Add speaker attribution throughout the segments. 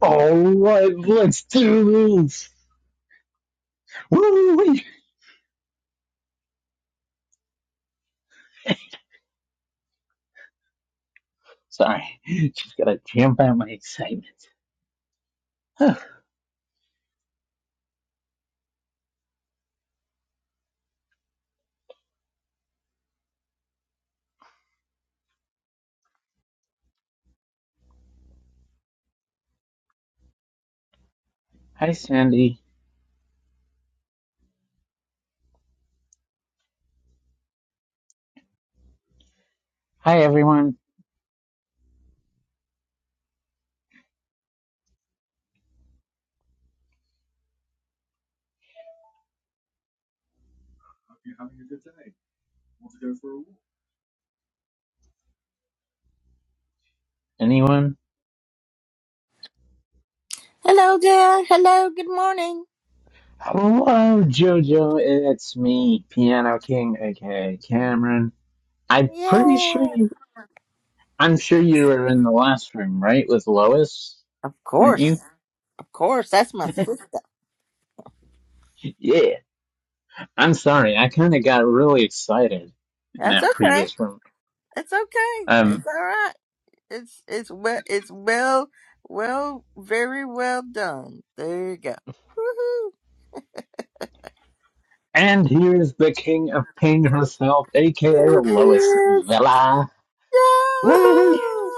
Speaker 1: All right, let's do this. woo Sorry, just gotta jump out my excitement. Oh, Hi, Sandy. Hi, everyone. Anyone?
Speaker 2: Hello there. Hello. Good morning.
Speaker 1: Hello, JoJo. It's me, Piano King, aka Cameron. I'm pretty sure
Speaker 2: Yeah.
Speaker 1: you. I'm sure you were in the last room, right, with Lois,
Speaker 2: Of
Speaker 1: weren't you?
Speaker 2: course. Of course. That's my sister.
Speaker 1: Yeah. I'm sorry. I kind of got really excited in
Speaker 2: That's
Speaker 1: that
Speaker 2: okay.
Speaker 1: previous room.
Speaker 2: It's okay.
Speaker 1: Um.
Speaker 2: It's all right. It's it's well it's well well very well done. There you go. Woohoo.
Speaker 1: And here's the king of ping herself, aka
Speaker 2: There she
Speaker 1: Lois
Speaker 2: is.
Speaker 1: Vela. Woo-wee!
Speaker 3: Woohoo!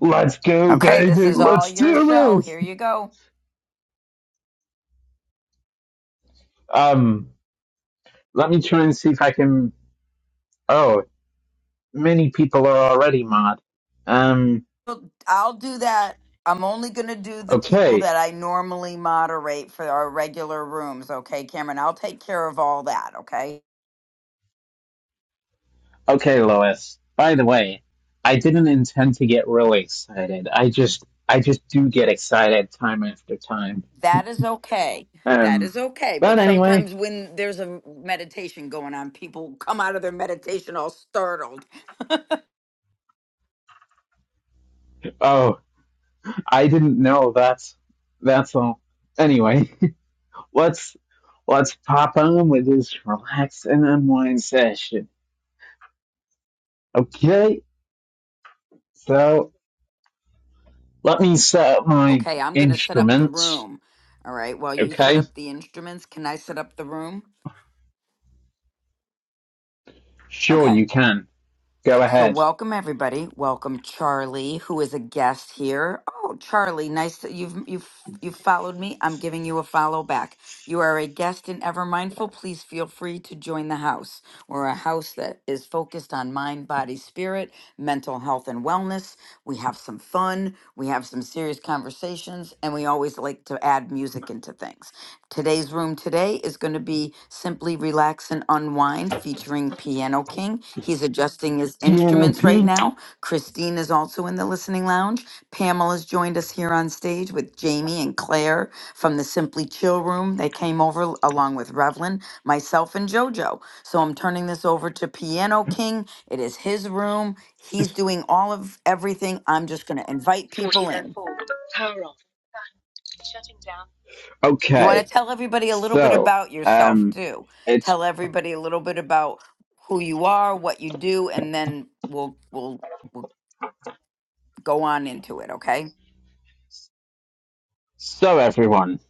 Speaker 1: Let's go,
Speaker 3: Okay, this
Speaker 1: baby!
Speaker 3: is all
Speaker 1: Let's
Speaker 3: your
Speaker 1: do
Speaker 3: show.
Speaker 1: this!
Speaker 3: Here you go.
Speaker 1: Um, let me try and see if I can... Oh, many people are already mod. Um,
Speaker 3: Well, I'll do that. I'm only going to do the people
Speaker 1: okay.
Speaker 3: that I normally moderate for our regular rooms. Okay, Cameron, I'll take care of all that. Okay.
Speaker 1: Okay, Lois. By the way, I didn't intend to get really excited. I just... I just do get excited time after time.
Speaker 3: That is okay. That
Speaker 1: Um,
Speaker 3: is okay. But
Speaker 1: but anyway...
Speaker 3: sometimes when there's a meditation going on, people come out of their meditation all startled.
Speaker 1: Oh, I didn't know that's... That's all. Anyway... What's let's pop on with this relax and unwind session. Okay, so let me set up my
Speaker 3: Okay, I'm going to set up the
Speaker 1: instruments.
Speaker 3: room. All right. While you set
Speaker 1: Okay,
Speaker 3: up the instruments, can I set up the room?
Speaker 1: sure
Speaker 3: Okay.
Speaker 1: you can. Go
Speaker 3: So,
Speaker 1: ahead.
Speaker 3: welcome everybody. Welcome Charlie, who is a guest here. Oh, Charlie, nice that you've you've you've followed me. I'm giving you a follow back. You are a guest in Ever Mindful. Please feel free to join the house. We're a house that is focused on mind, body, spirit, mental health, and wellness. We have some fun fun. We have some serious conversations, and we always like to add music into things. Today's room today is going to be Simply Relax and Unwind featuring Piano King. He's adjusting his
Speaker 1: Piano
Speaker 3: instruments right
Speaker 1: P.
Speaker 3: now. Christine is also in the listening lounge. Pamela's joined us here on stage with Jamie and Claire from the Simply Chill Room. They came over along with Revlin, myself, and JoJo. So I'm turning this over to Piano King. It is his room. He's doing all of everything. I'm just going to invite people in. You want
Speaker 1: Okay,
Speaker 3: to tell everybody a little bit
Speaker 1: so
Speaker 3: about yourself,
Speaker 1: um,
Speaker 3: too.
Speaker 1: it's
Speaker 3: Tell everybody a little bit about who you are, what you do, and then we'll we'll we'll go on into it, okay?
Speaker 1: so everyone.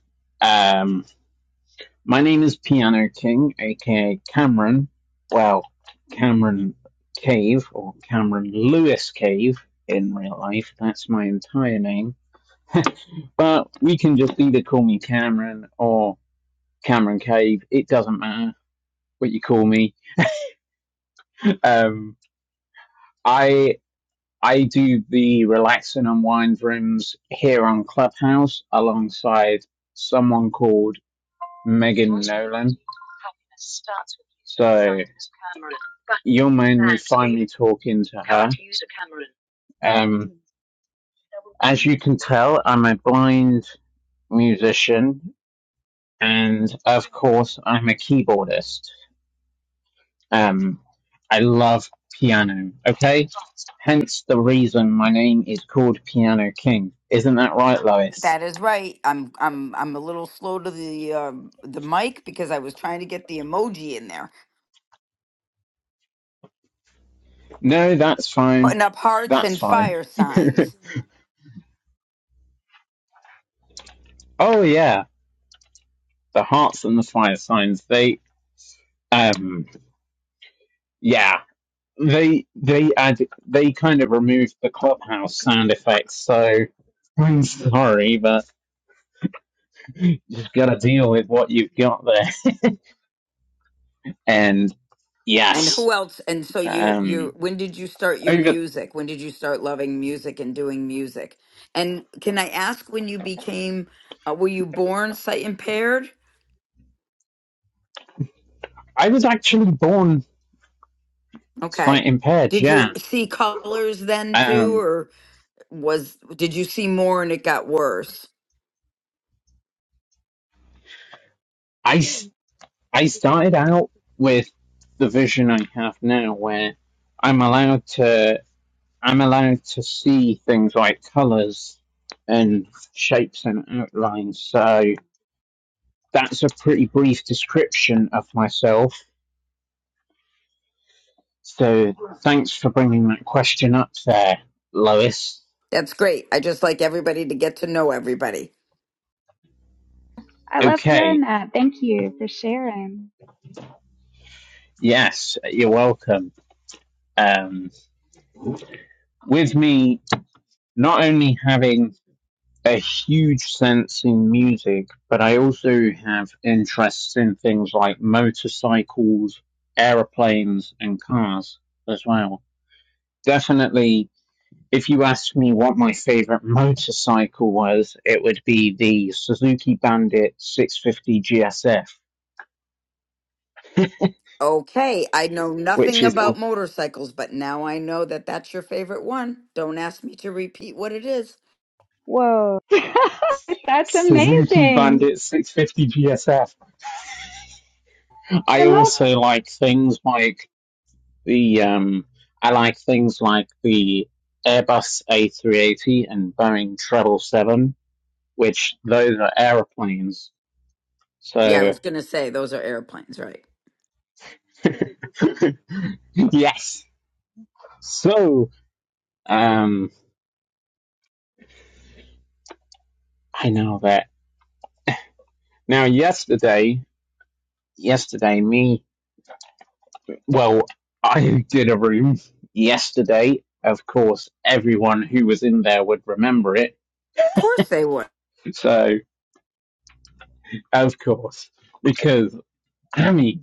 Speaker 1: Um, my name is Piano King, aka Cameron. Well, Cameron Cave or Cameron Lewis Cave in real life. That's my entire name. But we can just either call me Cameron or Cameron Cave. It doesn't matter what you call me. Um, I I do the relax and unwind rooms here on Clubhouse alongside someone called Megan Nolan. So you'll mainly find me talking to her. Um, as you can tell, I'm a blind musician and of course I'm a keyboardist. Um, I love piano. Okay, hence the reason my name is called Piano King. Isn't that right, Lois?
Speaker 3: That is right. I'm I'm I'm a little slow to the um the mic because I was trying to get the emoji in there.
Speaker 1: No, that's fine.
Speaker 3: Putting up hearts
Speaker 1: That's
Speaker 3: and
Speaker 1: fine.
Speaker 3: fire signs.
Speaker 1: oh yeah, the hearts and the fire signs. They, um, yeah, they they add they kind of removed the clubhouse sound effects. So I'm sorry, but you've gotta deal with what you've got there. And
Speaker 3: And
Speaker 1: yes,
Speaker 3: who else? And so you you
Speaker 1: um,
Speaker 3: when did you start your
Speaker 1: over,
Speaker 3: music? When did you start loving music and doing music? And can I ask when you became uh, were you born sight impaired?
Speaker 1: I was actually born
Speaker 3: Okay.
Speaker 1: sight impaired.
Speaker 3: Did you
Speaker 1: Yeah.
Speaker 3: see colors then too
Speaker 1: Um,
Speaker 3: or was did you see more and it got worse?
Speaker 1: I I started out with the vision I have now where I'm allowed to, I'm allowed to see things like colors and shapes and outlines. So that's a pretty brief description of myself. So thanks for bringing that question up there, Lois.
Speaker 3: That's great. I just like everybody to get to know everybody.
Speaker 4: I loved hearing
Speaker 1: Okay.
Speaker 4: that. Thank you for sharing.
Speaker 1: Yes, you're welcome. Um, with me, not only having a huge sense in music, but I also have interests in things like motorcycles, aeroplanes, and cars as well. Definitely, if you asked me what my favorite motorcycle was, it would be the Suzuki Bandit 650 GSF.
Speaker 3: Okay, I know
Speaker 1: Which
Speaker 3: nothing
Speaker 1: is a
Speaker 3: about motorcycles, but now I know that that's your favorite one. Don't ask me to repeat what it is.
Speaker 4: Whoa. That's
Speaker 1: Suzuki
Speaker 4: amazing.
Speaker 1: Bandit 650 GSF.
Speaker 4: I
Speaker 1: I
Speaker 4: love that.
Speaker 1: also like things like The um, I like things like the Airbus A380 and Boeing 777, which those are aeroplanes.
Speaker 3: Yeah, I
Speaker 1: So
Speaker 3: was going to say those are airplanes, right?
Speaker 1: yes. So um, I know that. Now yesterday, yesterday me, well, I did a room yesterday. Of course, everyone who was in there would remember it.
Speaker 3: Of course they were.
Speaker 1: So of course, because Amy.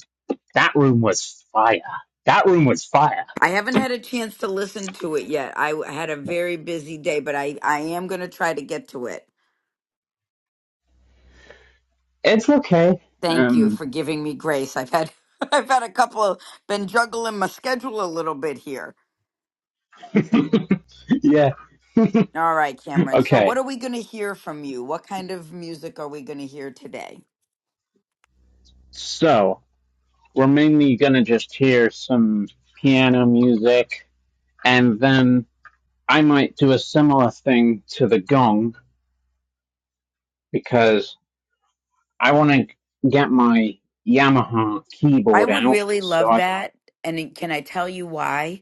Speaker 1: That room was fire. That room was fire.
Speaker 3: I haven't had a chance to listen to it yet. I w- had a very busy day, but I I am going to try to get to it.
Speaker 1: It's okay.
Speaker 3: Thank you
Speaker 1: Um,
Speaker 3: for giving me grace. I've had I've had a couple of been juggling my schedule a little bit here.
Speaker 1: yeah.
Speaker 3: All right, Cameron. So what
Speaker 1: okay.
Speaker 3: are we going to hear from you? What kind of music are we going to hear today?
Speaker 1: So we're mainly gonna just hear some piano music, and then I might do a similar thing to the gong because I want to get my Yamaha
Speaker 3: I
Speaker 1: keyboard
Speaker 3: would
Speaker 1: out.
Speaker 3: really
Speaker 1: So
Speaker 3: love
Speaker 1: I
Speaker 3: that. And can I tell you why?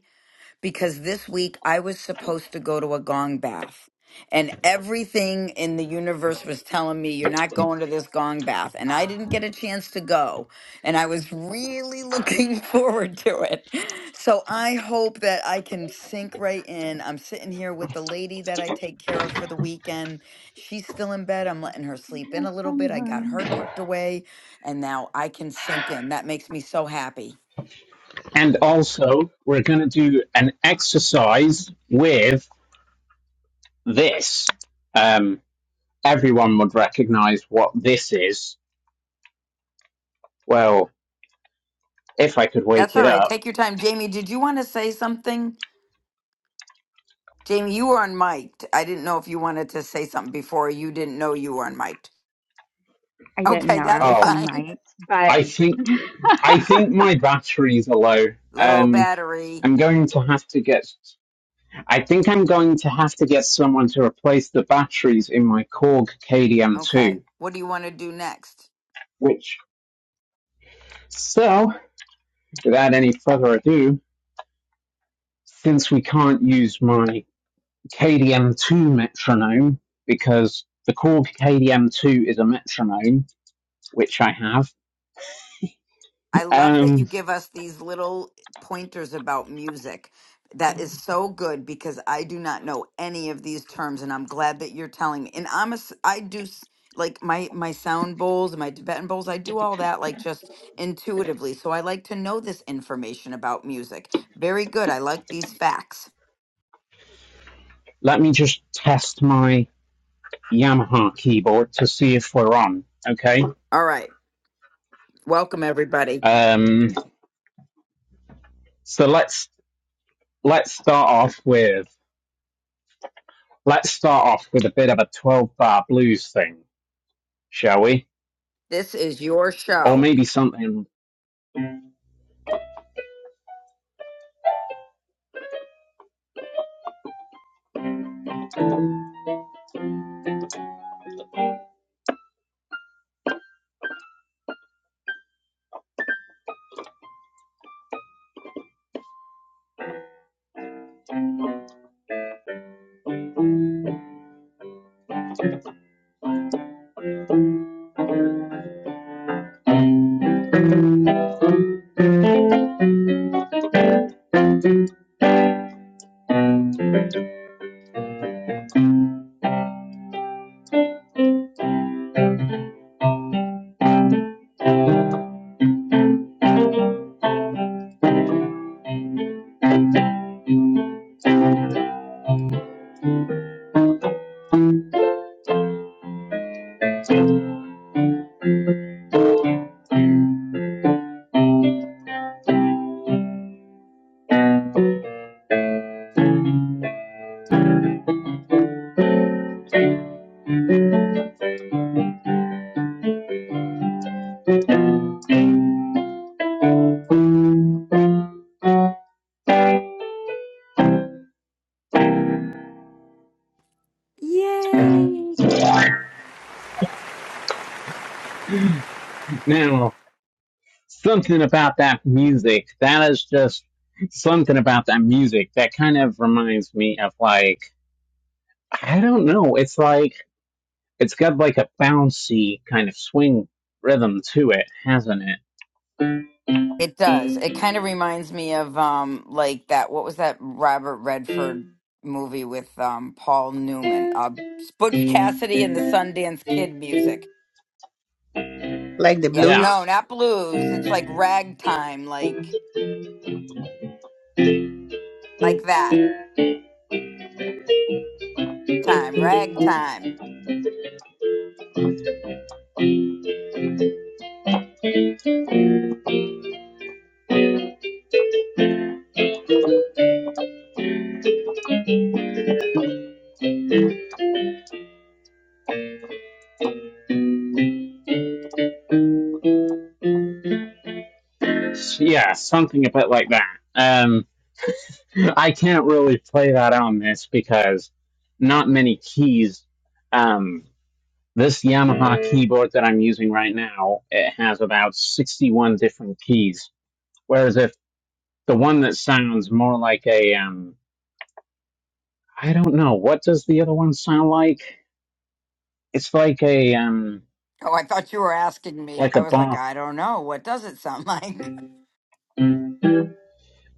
Speaker 3: because this week I was supposed to go to a gong bath. And everything in the universe was telling me, you're not going to this gong bath. And I didn't get a chance to go. And I was really looking forward to it. So I hope that I can sink right in. I'm sitting here with the lady that I take care of for the weekend. She's still in bed. I'm letting
Speaker 4: I
Speaker 3: her
Speaker 4: can
Speaker 3: sleep in
Speaker 4: kill
Speaker 3: a little bit. I got her
Speaker 4: someone.
Speaker 3: tucked away. And now I can sink in. That makes me so happy.
Speaker 1: and also we're gonna do an exercise with this. Um, everyone would recognize what this is. Well, if I could
Speaker 3: That's
Speaker 1: wake
Speaker 3: all
Speaker 1: it
Speaker 3: right.
Speaker 1: up.
Speaker 3: Take your time. Jamie, did you want to say something? Jamie, you were unmiked. I didn't know if you wanted to say something before you didn't know you were unmiked.
Speaker 4: I didn't
Speaker 3: Okay,
Speaker 4: know I
Speaker 3: that's
Speaker 4: was
Speaker 1: Oh,
Speaker 4: on
Speaker 3: fine.
Speaker 4: mic, but
Speaker 1: I think I think my batteries are low.
Speaker 3: Low
Speaker 1: Um,
Speaker 3: battery.
Speaker 1: I'm going to have to get. I think I'm going to have to get someone to replace the batteries in my Korg
Speaker 3: Okay.
Speaker 1: KDM2.
Speaker 3: What do you want to do next?
Speaker 1: Which, so without any further ado, since we can't use my KDM2 metronome because the Korg KDM2 is a metronome, which I have.
Speaker 3: I love that
Speaker 1: Um,
Speaker 3: you give us these little pointers about music. That is so good because I do not know any of these terms and I'm glad that you're telling me. And I'm a s- I do s- like my my sound bowls, my Tibetan bowls, I do all that like just intuitively. So I like to know this information about music. Very good. I like these facts.
Speaker 1: Let me just test my Yamaha keyboard to see if we're on. Okay.
Speaker 3: All right. Welcome, everybody.
Speaker 1: Um, so let's let's start off with let's start off with a bit of a twelve bar blues thing, shall we?
Speaker 3: This is your
Speaker 1: Or
Speaker 3: show.
Speaker 1: maybe something
Speaker 3: Yay!
Speaker 1: now something about that music that is just something about that music that kind of reminds me of like i don't know it's like it's got like a bouncy kind of swing rhythm to it hasn't it
Speaker 3: It does. It kind of reminds me of um like that what was that Robert Redford movie with um Paul Newman? Uh Butch Cassidy and the Sundance Kid music.
Speaker 5: Like the
Speaker 3: Yeah,
Speaker 1: Yeah,
Speaker 3: no,
Speaker 5: blues.
Speaker 3: not blues. It's like ragtime, like like that time, ragtime.
Speaker 1: yeah, something a bit like that. Um, I can't really play that on this because not many keys. Um, this Yamaha keyboard that I'm using right now, it has about 61 different keys. Whereas if the one that sounds more like a, um, I don't know, what does the other one sound like? It's like a, um,
Speaker 3: Oh, I thought you were asking me.
Speaker 1: like
Speaker 3: I
Speaker 1: a
Speaker 3: was like,
Speaker 1: bomb.
Speaker 3: I don't know. What does it sound like?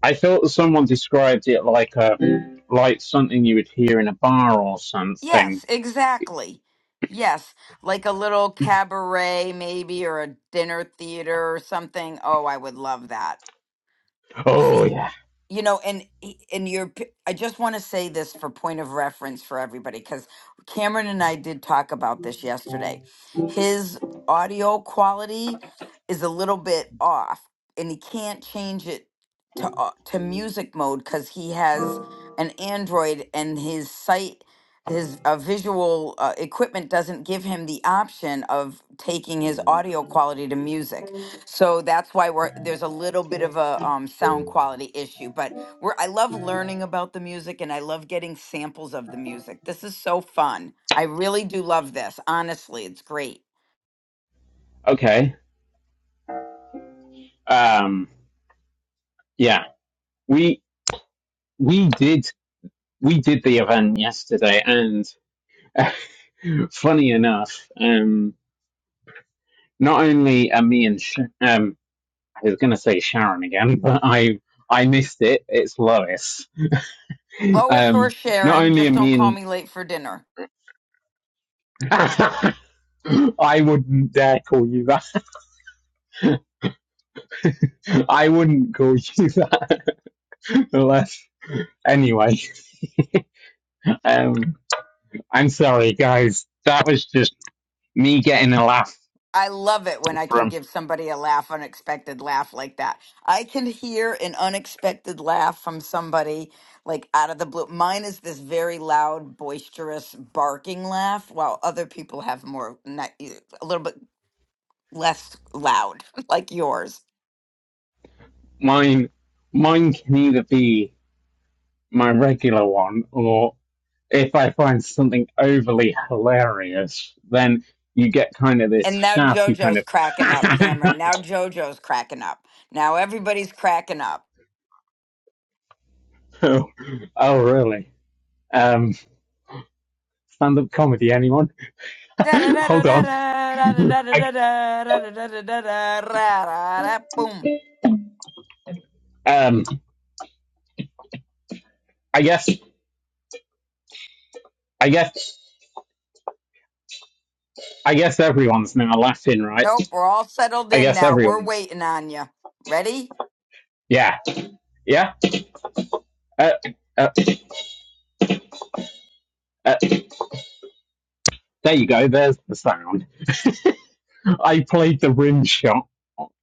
Speaker 1: I thought someone described it like a like something you would hear in a bar or something.
Speaker 3: Yes, exactly. Yes, like a little cabaret maybe or a dinner theater or something. Oh, I would love that.
Speaker 1: Oh
Speaker 3: See,
Speaker 1: yeah.
Speaker 3: you know and and your p- i just want to say this for point of reference for everybody because cameron and i did talk about this yesterday his audio quality is a little bit off and he can't change it to au- to music mode because he has an android and his site his uh, visual uh, equipment doesn't give him the option of taking his audio quality to music so that's why we're there's a little bit of a um, sound quality issue, but we're I love learning about the music and I love getting samples of the music. This is so fun. I really do love this. Honestly, it's great.
Speaker 1: Okay. Um. Yeah. We we did we did the event yesterday, and funny enough, um, not only are me and Sh- um, I was going to say Sharon again, but I I missed it. It's Lois.
Speaker 3: Lois or
Speaker 1: Um, not
Speaker 3: Sharon,
Speaker 1: only are
Speaker 3: just don't
Speaker 1: me
Speaker 3: call me late for dinner.
Speaker 1: and I wouldn't dare call you that. I wouldn't call you that. Unless, anyway, um, I'm sorry, guys. That was just me getting a laugh
Speaker 3: I love it when I can
Speaker 1: from
Speaker 3: give somebody a laugh, unexpected laugh like that. I can hear an unexpected laugh from somebody like out of the blue. Mine is this very loud, boisterous barking laugh, while other people have more, not, e, a little bit less loud, like yours.
Speaker 1: mine. Mine can either be my regular one, or if I find something overly hilarious, then you get kind of this
Speaker 3: And now
Speaker 1: shouty kind
Speaker 3: JoJo's cracking up,
Speaker 1: of.
Speaker 3: Cameron. Now JoJo's cracking up. Now everybody's cracking up.
Speaker 1: oh, oh, really? Um, stand-up comedy, anyone? Hold on. I,
Speaker 3: Boom.
Speaker 1: um, I guess, I guess, I guess everyone's now laughing, right?
Speaker 3: Nope, we're all settled
Speaker 1: I
Speaker 3: in
Speaker 1: guess
Speaker 3: now. We're
Speaker 1: everyone's.
Speaker 3: waiting on you. Ready?
Speaker 1: Yeah, yeah. Uh, uh, uh, there you go. There's the sound. I played the rim shot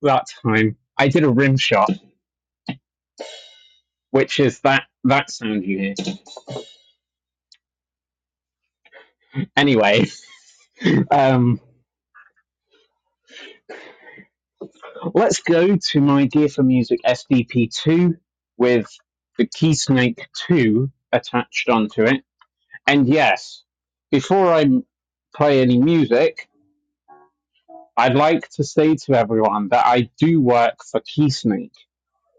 Speaker 1: that time. I did a rim shot, which is that that sound you hear. Anyway, um, let's go to my Gear for Music SDP two with the Keysnake two attached onto it. And yes, before I play any music, I'd like to say to everyone that I do work for Keysnake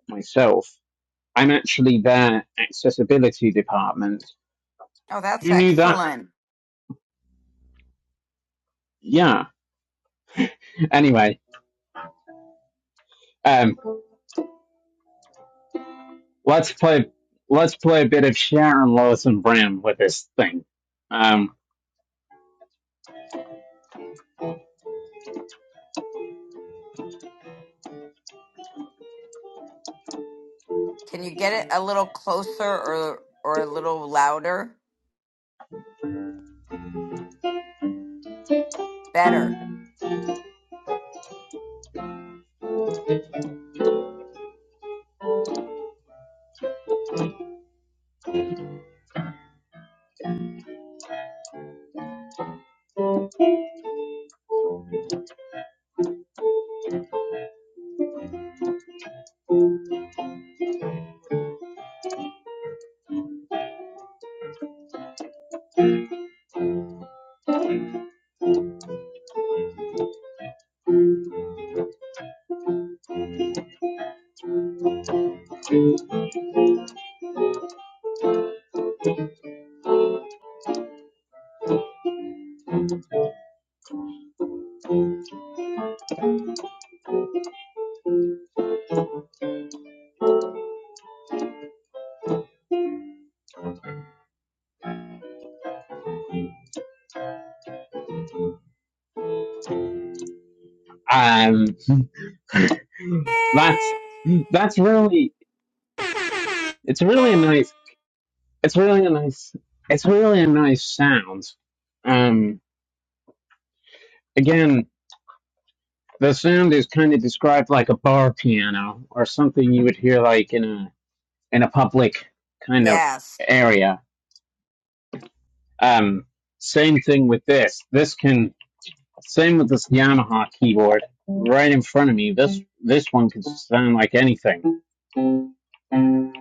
Speaker 1: myself. I'm actually their accessibility department.
Speaker 3: Oh, that's
Speaker 1: Who knew that?
Speaker 3: excellent.
Speaker 1: Yeah. Anyway, um, let's play. Let's play a bit of Sharon Lewis and Bram with this thing. Um,
Speaker 3: Can you get it a little closer or or a little louder? Better.
Speaker 1: um, that's that's really it's really a nice it's really a nice it's really a nice sound. Um, again, the sound is kind of described like a bar piano or something you would hear like in a in a public kind of
Speaker 3: Yes.
Speaker 1: area Um, same thing with this. This can same with this Yamaha keyboard right in front of me. This this one can sound like anything.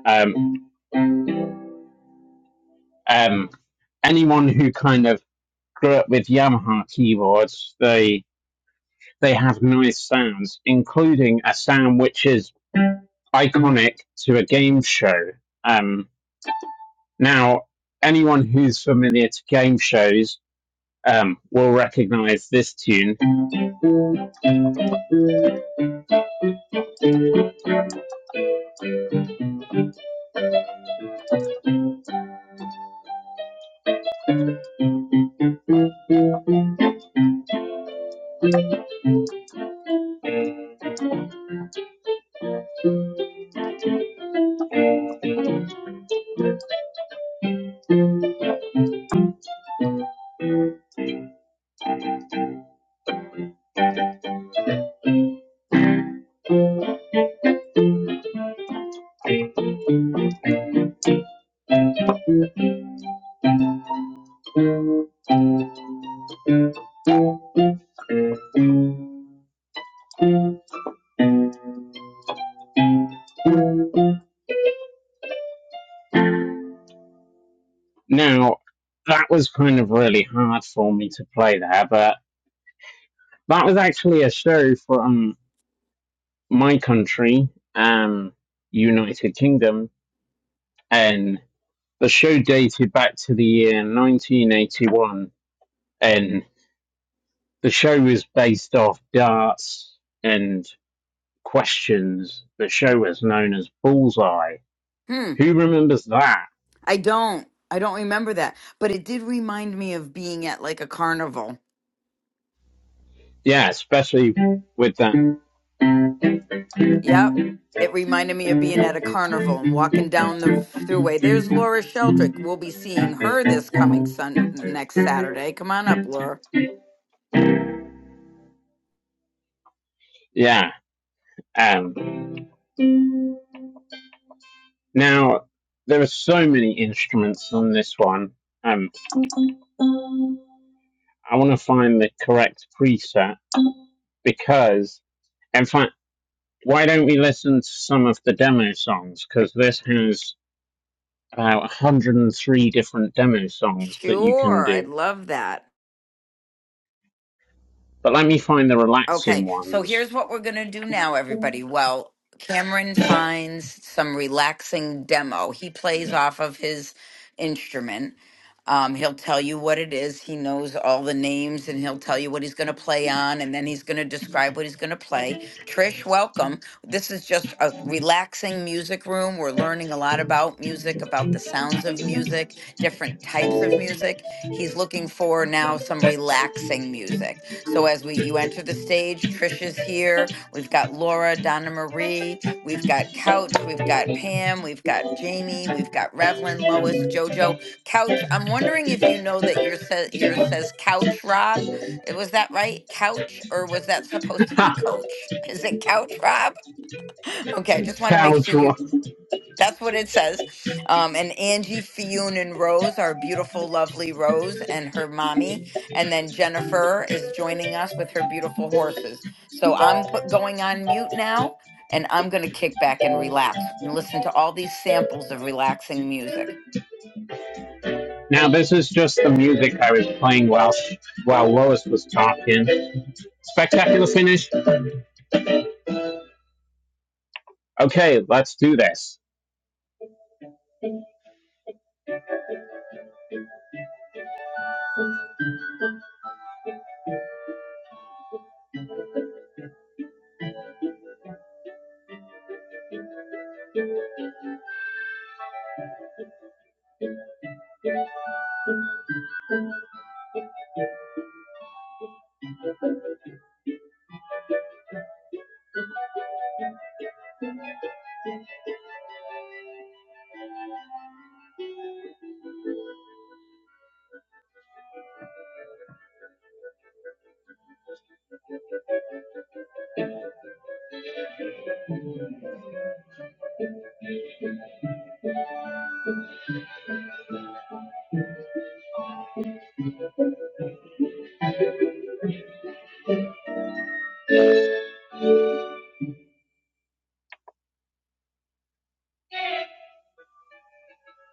Speaker 1: Um, um, anyone who kind of grew up with Yamaha keyboards, they they have nice sounds, including a sound which is iconic to a game show. Um, now, anyone who's familiar to game shows um, will recognize this tune Now, that was kind of really hard for me to play there, but that was actually a show from my country, um, United Kingdom, and the show dated back to the year 1981, and the show was based off darts and questions. The show was known as Bullseye.
Speaker 3: Hmm.
Speaker 1: Who remembers that?
Speaker 3: I don't. I don't remember that. But it did remind me of being at like a carnival.
Speaker 1: Yeah, especially with that.
Speaker 3: Yep. It reminded me of being at a carnival and walking down the throughway. There's Laura Sheldrick. We'll be seeing her this coming sun next Saturday. Come on up, Laura.
Speaker 1: Yeah. um. Now, there are so many instruments on this one, and I want to find the correct preset because, in fact, why don't we listen to some of the demo songs? Because this has about 103 different demo songs that you can
Speaker 3: Sure, I
Speaker 1: do.
Speaker 3: love that.
Speaker 1: But let me find the
Speaker 3: Okay,
Speaker 1: relaxing
Speaker 3: so
Speaker 1: ones.
Speaker 3: here's what we're going to do now, everybody. Well, Cameron finds some relaxing demo. He plays off of his instrument. Um, he'll tell you what it is. He knows all the names and he'll tell you what he's going to play on and then he's going to describe what he's going to play. Trish, welcome. This is just a relaxing music room. We're learning a lot about music, about the sounds of music, different types of music. He's looking for now some relaxing music. So as we you enter the stage, Trish is here. We've got Laura, Donna Marie, we've got Couch, we've got Pam, we've got Jamie, we've got Revlin, Lois, Jojo. Couch, I'm wondering if you know that your says your says Couch Rob. Eh, Was that right? Couch or was that supposed to be Coach? Is it Couch Rob? Okay, I just want to make sure you that's what it says. Um, and Angie Fionn and Rose, our beautiful, lovely Rose and her mommy. And then Jennifer is joining us with her beautiful horses. So I'm put, going on mute now and I'm going to kick back and relax and listen to all these samples of relaxing music.
Speaker 1: now, this is just the music I was playing while, while Lois was talking. Spectacular finish? Okay, let's do this.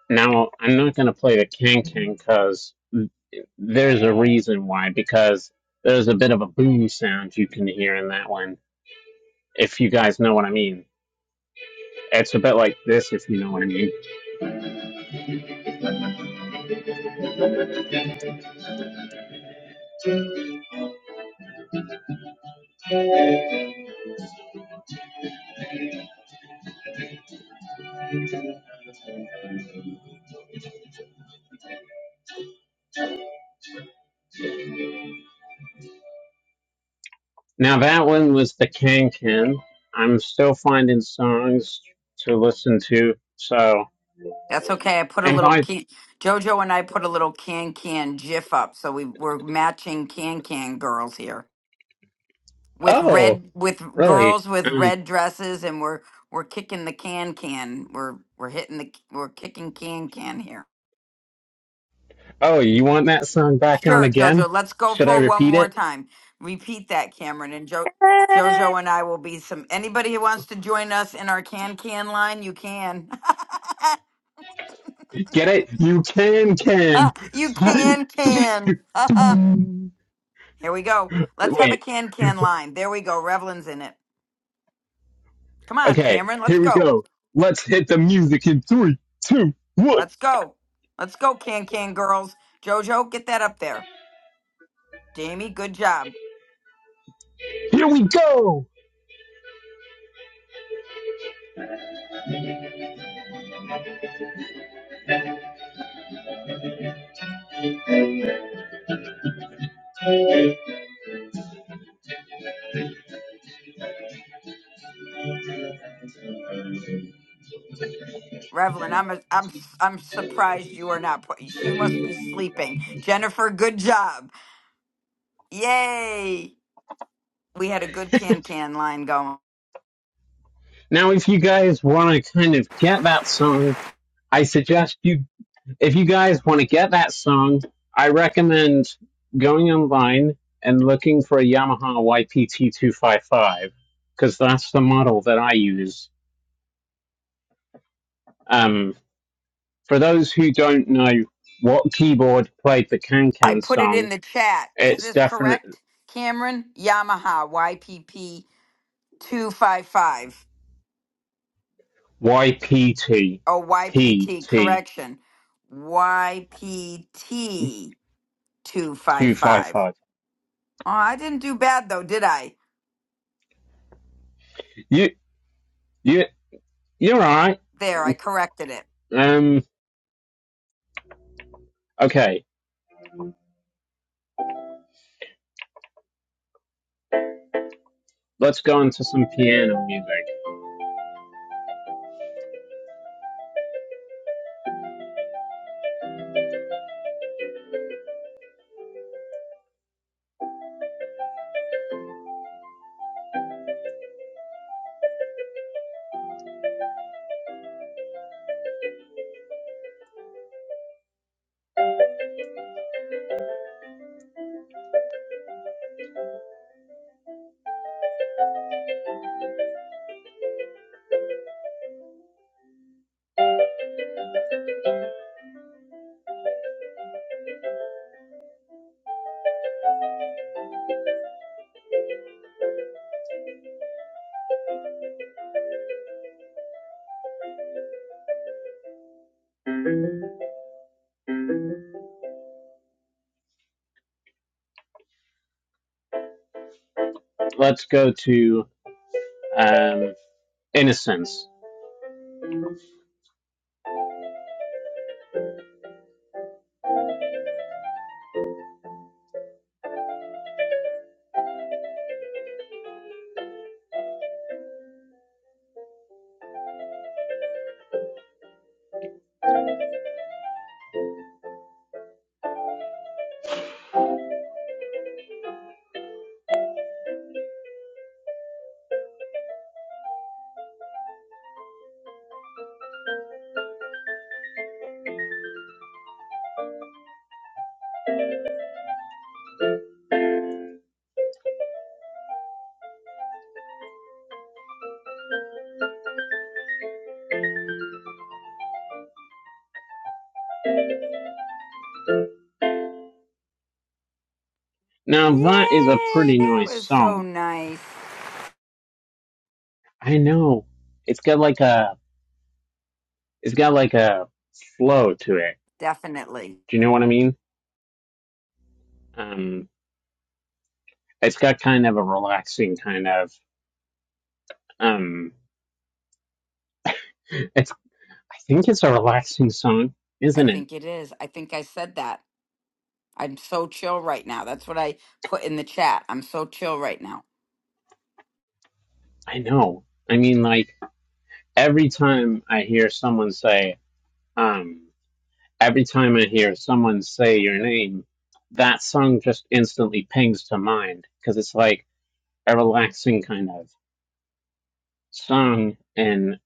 Speaker 1: Now, I'm not going to play the can can because there's a reason why, because there's a bit of a boom sound you can hear in that one, if you guys know what I mean. It's a bit like this, if you know what I mean. Now, that one was the can can. I'm still finding songs to listen to. So,
Speaker 3: That's okay. I put a
Speaker 1: and
Speaker 3: little
Speaker 1: by,
Speaker 3: can, JoJo and I put a little can can gif up. So we, we're matching can can girls here. with
Speaker 1: oh,
Speaker 3: red with
Speaker 1: really?
Speaker 3: girls with
Speaker 1: Um,
Speaker 3: red dresses and we're we're kicking the can can we're we're hitting the we're kicking can can here
Speaker 1: oh, you want that song back on
Speaker 3: sure
Speaker 1: again?
Speaker 3: jojo let's go
Speaker 1: Should I
Speaker 3: for one
Speaker 1: repeat
Speaker 3: more
Speaker 1: it?
Speaker 3: time repeat that cameron and jo
Speaker 2: Yay!
Speaker 3: jojo and i will be some anybody who wants to join us in our can can line you can
Speaker 1: Get it? You can
Speaker 3: you can can
Speaker 1: can.
Speaker 3: here we go let's have a
Speaker 1: Wait.
Speaker 3: can can line there we go revlin's in it come on
Speaker 1: Okay.
Speaker 3: cameron let's
Speaker 1: Here we
Speaker 3: go
Speaker 1: go. Let's hit the music in three, two, one.
Speaker 3: Let's go. Let's go, Can Can girls. Jojo, get that up there. Jamie, good job.
Speaker 1: Here we go.
Speaker 3: Revlon, I'm a, I'm I'm surprised you are not. pu- You must be sleeping. Jennifer, good job. Yay! We had a good Can Can line going.
Speaker 1: Now, if you guys want to kind of get that song, I suggest you, if you guys want to get that song, I recommend going online and looking for a Yamaha YPT255 because that's the model that I use. Um, for those who don't know what keyboard played the Can
Speaker 3: I
Speaker 1: Can
Speaker 3: put it in
Speaker 1: song,
Speaker 3: the chat. Is
Speaker 1: it's
Speaker 3: this
Speaker 1: definite.
Speaker 3: correct, Cameron? Yamaha YPP two five five.
Speaker 1: YPTPT
Speaker 3: Oh, YPT. Correction. YPT two five
Speaker 1: two five
Speaker 3: five.
Speaker 1: five.
Speaker 3: Oh, I didn't do bad though, did I?
Speaker 1: You you you're right.
Speaker 3: There, I corrected it.
Speaker 1: Um. Okay. Let's go into some piano music. Let's go to um Innocence. Now that is a
Speaker 3: Yay,
Speaker 1: pretty
Speaker 3: that
Speaker 1: nice
Speaker 3: was so
Speaker 1: song.
Speaker 3: nice.
Speaker 1: I know. It's got like a it's got like a flow to it.
Speaker 3: Definitely.
Speaker 1: Do you know what I mean? Um. It's got kind of a relaxing kind of um. It's I think it's a relaxing song,
Speaker 3: I
Speaker 1: isn't it?
Speaker 3: think it is. I think I said that. I'm so chill right now. That's what I put in the chat. I'm so chill right now.
Speaker 1: I know. I mean, like. every time I hear someone say, um, every time I hear someone say your name, that song just instantly pings to mind because it's like a relaxing kind of song. And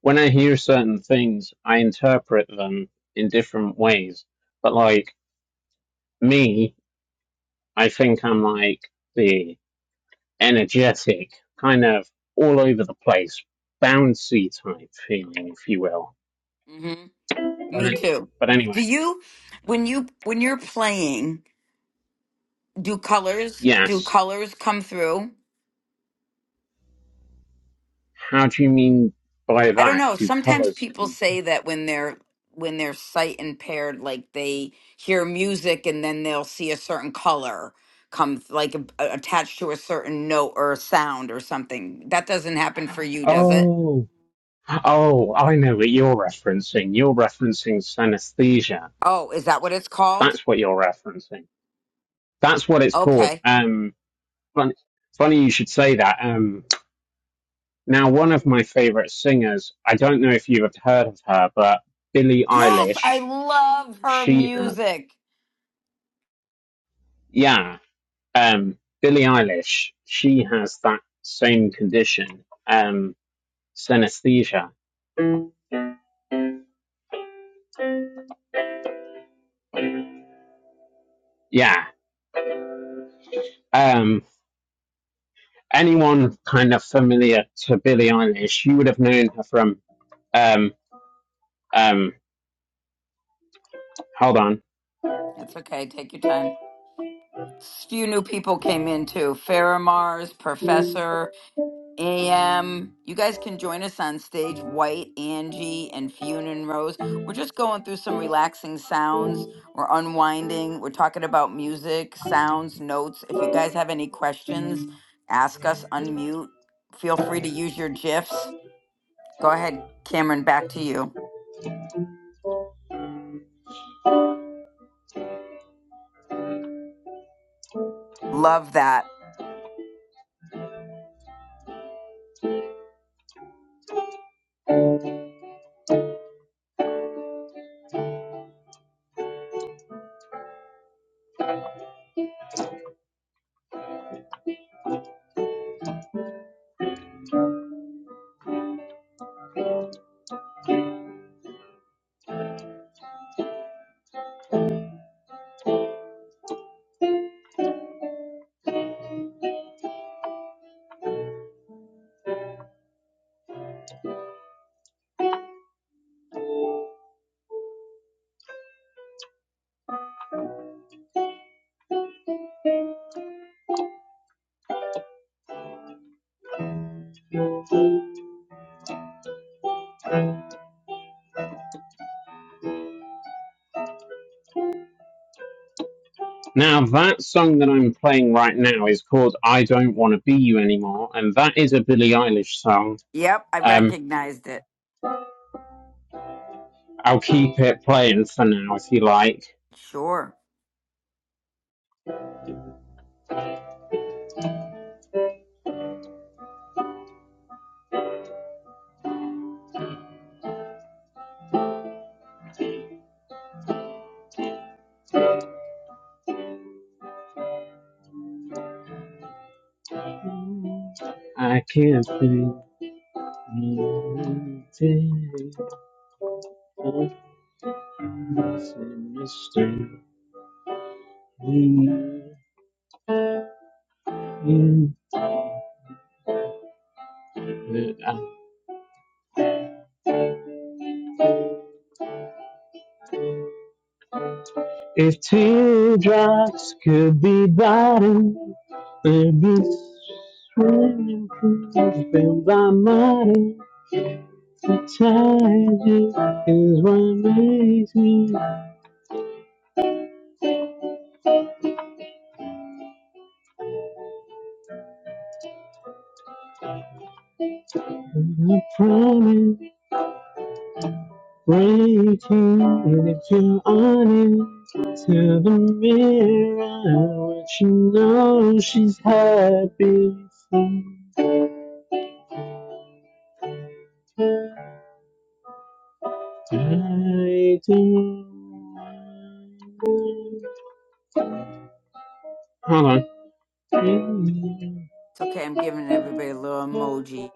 Speaker 1: when I hear certain things, I interpret them in different ways. But like me, I think I'm like the energetic, kind of all over the place, bouncy type feeling, if you will.
Speaker 3: Mhm.
Speaker 1: But,
Speaker 3: Me too.
Speaker 1: but
Speaker 3: Do
Speaker 1: anyway,
Speaker 3: you when you when you're playing, do colors do
Speaker 1: yes.
Speaker 3: colors come through?
Speaker 1: How do you mean by
Speaker 3: I don't
Speaker 1: that?
Speaker 3: know.
Speaker 1: Do
Speaker 3: Sometimes
Speaker 1: colours
Speaker 3: people
Speaker 1: come from?
Speaker 3: say that when they're when they're sight impaired, like they hear music and then they'll see a certain color come th- like a, a- attached to a certain note or a sound or something. That doesn't happen for you, does it?
Speaker 1: Oh, oh, I know what you're referencing. You're referencing synesthesia.
Speaker 3: Oh, is that what it's called?
Speaker 1: That's what you're referencing. That's what it's called.
Speaker 3: Okay.
Speaker 1: Um, fun, funny you should say that. Um, now one of my favourite singers. I don't know if you have heard of her, but Billie
Speaker 3: Yes, I
Speaker 1: Eilish.
Speaker 3: love her
Speaker 1: She has,
Speaker 3: music.
Speaker 1: yeah. Um, Billie Eilish. She has that same condition. Um, synesthesia. Yeah um, anyone kind of familiar to Billie Eilish, you would have known her from. Um, um, hold on.
Speaker 3: It's okay. Take your time. S- Few new people came in too. Farah Mars, Professor, AM. You guys can join us on stage, White, Angie, and Fune and Rose. We're just going through some relaxing sounds. We're unwinding. We're talking about music, sounds, notes. If you guys have any questions, ask us, unmute. Feel free to use your GIFs. Go ahead, Cameron, back to you. Love that.
Speaker 1: Now, that song that I'm playing right now is called I Don't Want to Be You Anymore, and that is a Billie Eilish song.
Speaker 3: Yep, I
Speaker 1: Um,
Speaker 3: recognized it.
Speaker 1: I'll keep it playing for now if you like.
Speaker 3: Sure.
Speaker 1: I can't if talks could be done, there'd be swimming pools filled by money. Inside you is what makes me. And I promise, waiting. And if you're honest, tell the mirror what you know. She's happy sometime. Hold on.
Speaker 3: It's okay. I'm giving everybody a little emoji.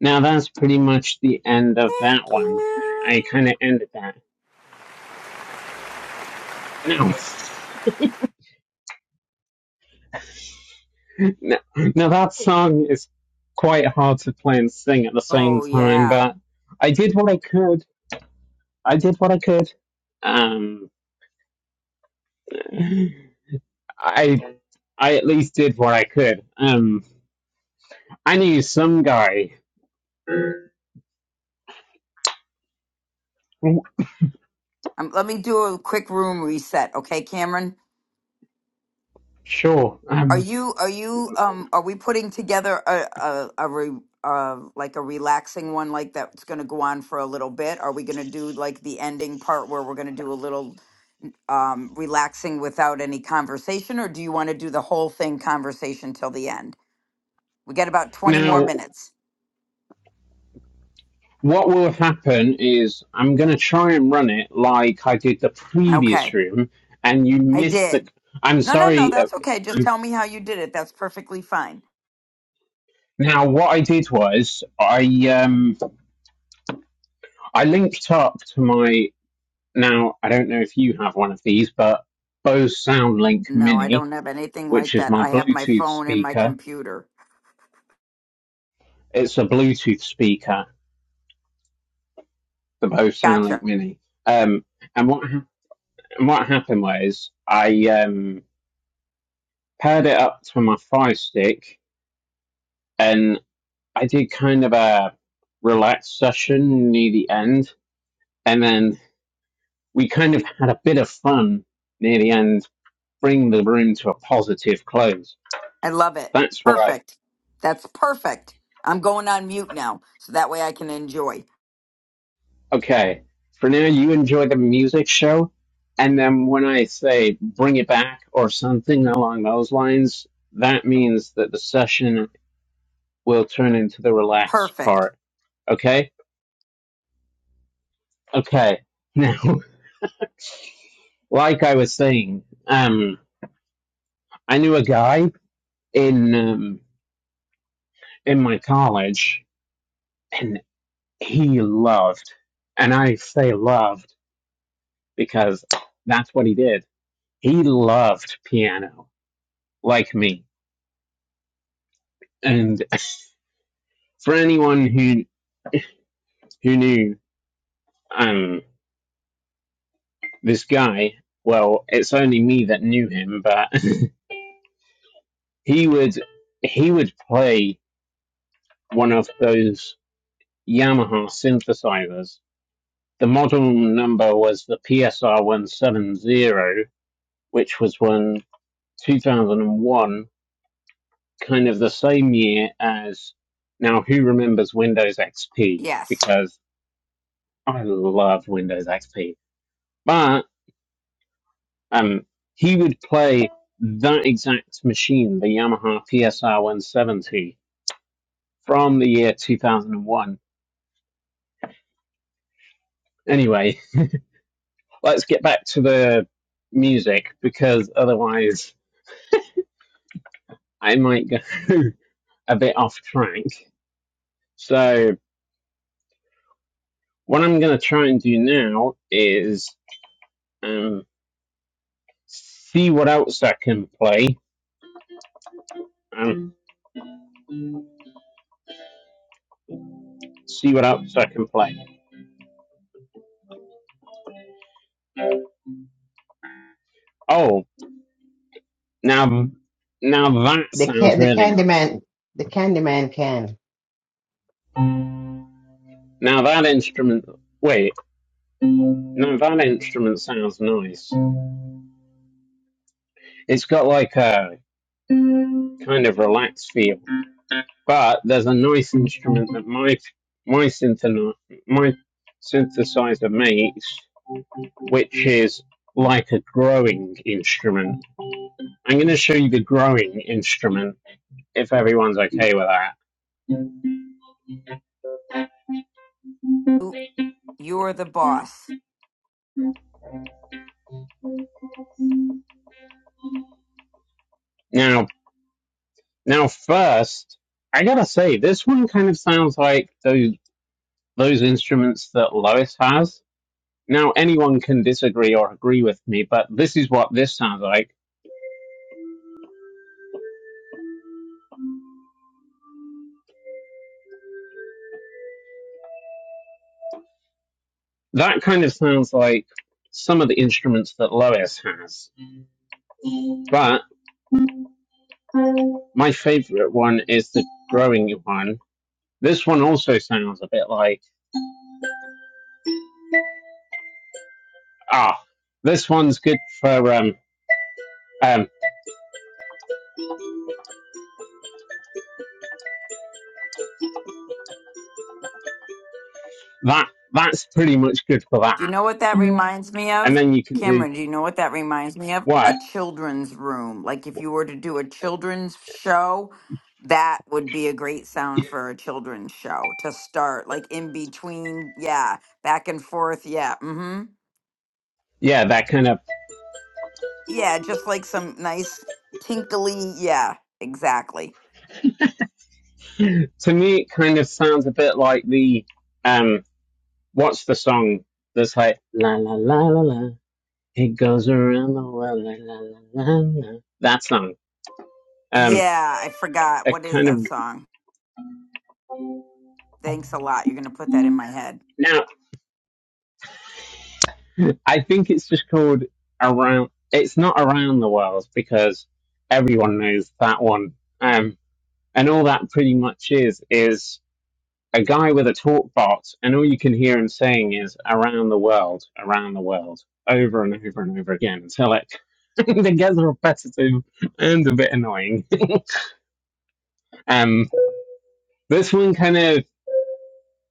Speaker 1: Now that's pretty much the end of that
Speaker 3: Thank
Speaker 1: one. I kind
Speaker 3: you.
Speaker 1: of ended that. No. Now, now that song is quite hard to play and sing at the same
Speaker 3: Oh,
Speaker 1: time,
Speaker 3: yeah.
Speaker 1: but I did what I could. I did what I could. Um, I I at least did what I could. Um, I knew some guy.
Speaker 3: Um, let me do a quick room reset, okay, Cameron?
Speaker 1: Sure.
Speaker 3: Are
Speaker 1: Um,
Speaker 3: you are you um are we putting together a a, a re, uh like a relaxing one like that's going to go on for a little bit? Are we going to do like the ending part where we're going to do a little um relaxing without any conversation or do you want to do the whole thing conversation till the end? We got about 20 more
Speaker 1: now
Speaker 3: minutes.
Speaker 1: what will happen is I'm gonna try and run it like I did the
Speaker 3: Okay.
Speaker 1: previous room, and you
Speaker 3: I
Speaker 1: missed the.
Speaker 3: did.
Speaker 1: I'm
Speaker 3: No, no, no,
Speaker 1: sorry. uh,
Speaker 3: that's okay. Just
Speaker 1: um,
Speaker 3: tell me how you did it. That's perfectly fine.
Speaker 1: Now what I did was I um. I linked up to my now. I don't know if you have one of these, but Bose SoundLink
Speaker 3: No, I
Speaker 1: Mini,
Speaker 3: don't have anything
Speaker 1: which
Speaker 3: like
Speaker 1: is
Speaker 3: that.
Speaker 1: my
Speaker 3: I have my
Speaker 1: Bluetooth
Speaker 3: phone and my
Speaker 1: speaker.
Speaker 3: computer.
Speaker 1: It's a Bluetooth speaker, the Bose SoundLink
Speaker 3: Gotcha.
Speaker 1: Mini. Um, and what hap- and what happened was I um, paired it up to my Fire Stick, and I did kind of a relaxed session near the end, and then we kind of had a bit of fun near the end, bring the room to a positive close
Speaker 3: I love it.
Speaker 1: that's what I
Speaker 3: Perfect. That's perfect. I'm going on mute now so that way I can enjoy.
Speaker 1: Okay. For now, you enjoy the music show. And then when I say bring it back or something along those lines, that means that the session will turn into the relaxed
Speaker 3: Perfect.
Speaker 1: part. Okay? Okay. Now, like I was saying, um, I knew a guy in, um, in my college and he loved, and I say loved because that's what he did. He loved piano like me. And for anyone who who knew um this guy, well, it's only me that knew him, but he would he would play one of those Yamaha synthesizers. The model number was the PSR one seven zero, which was one two thousand and one, kind of the same year as now who remembers Windows XP?
Speaker 3: Yes.
Speaker 1: Because I love Windows XP. but. um, he would play that exact machine, the Yamaha PSR 170 from the year 2001. Anyway, let's get back to the music because otherwise I might go a bit off track. So, what I'm going to try and do now is um, see what else I can play. Um, see what else I can play. Oh, now, now that
Speaker 5: The
Speaker 1: sounds
Speaker 5: can the
Speaker 1: really nice.
Speaker 5: Candyman the Candyman can.
Speaker 1: Now that instrument, wait, no, that instrument sounds nice. It's got like a kind of relaxed feel, but there's a nice instrument that my my syntheni- my synthesizer makes, which is like a growing instrument. I'm going to show you the growing instrument if everyone's okay with that.
Speaker 3: You're the boss.
Speaker 1: Now, now first, I gotta say this one kind of sounds like those those instruments that Lois has Now, anyone can disagree or agree with me, but this is what this sounds like. That kind of sounds like some of the instruments that Lois has. But my favorite one is the growing one. This one also sounds a bit like ah, this one's good for um um that that's pretty much good for that.
Speaker 3: Do you know what that reminds me
Speaker 1: And
Speaker 3: of?
Speaker 1: then you can do
Speaker 3: Cameron, do you know what that reminds me of? A
Speaker 1: what?
Speaker 3: children's room. Like if you were to do a children's show, that would be a great sound for a children's show to start, like in between. Yeah. Back and forth. Yeah. Mm hmm.
Speaker 1: Yeah, that kind of
Speaker 3: Yeah, just like some nice tinkly. Yeah, exactly.
Speaker 1: to me it kind of sounds a bit like the um what's the song that's like la la la la la it goes around the world la la la la la that song um
Speaker 3: Yeah, I forgot.
Speaker 1: a
Speaker 3: What is
Speaker 1: kind
Speaker 3: that
Speaker 1: of
Speaker 3: song? Thanks a lot. You're going to put that in my head.
Speaker 1: now I think it's just called around it's not around the world because everyone knows that one um and all that pretty much is is a guy with a talk bot, and all you can hear him saying is "around the world, around the world," over and over and over again until it it gets repetitive and a bit annoying. Um, this one kind of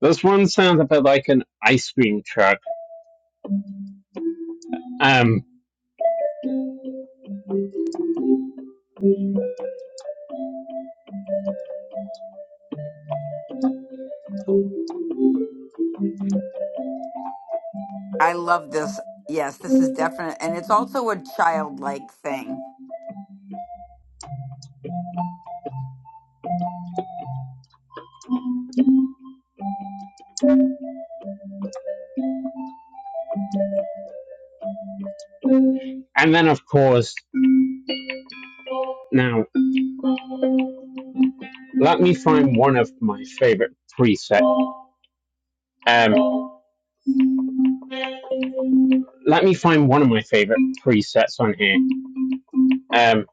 Speaker 1: this one sounds a bit like an ice cream truck. Um,
Speaker 3: I love this. Yes, this is definite. And it's also a childlike thing.
Speaker 1: and then of course, now let me find one of my favorite presets. Um, let me find one of my favorite presets on here. Um,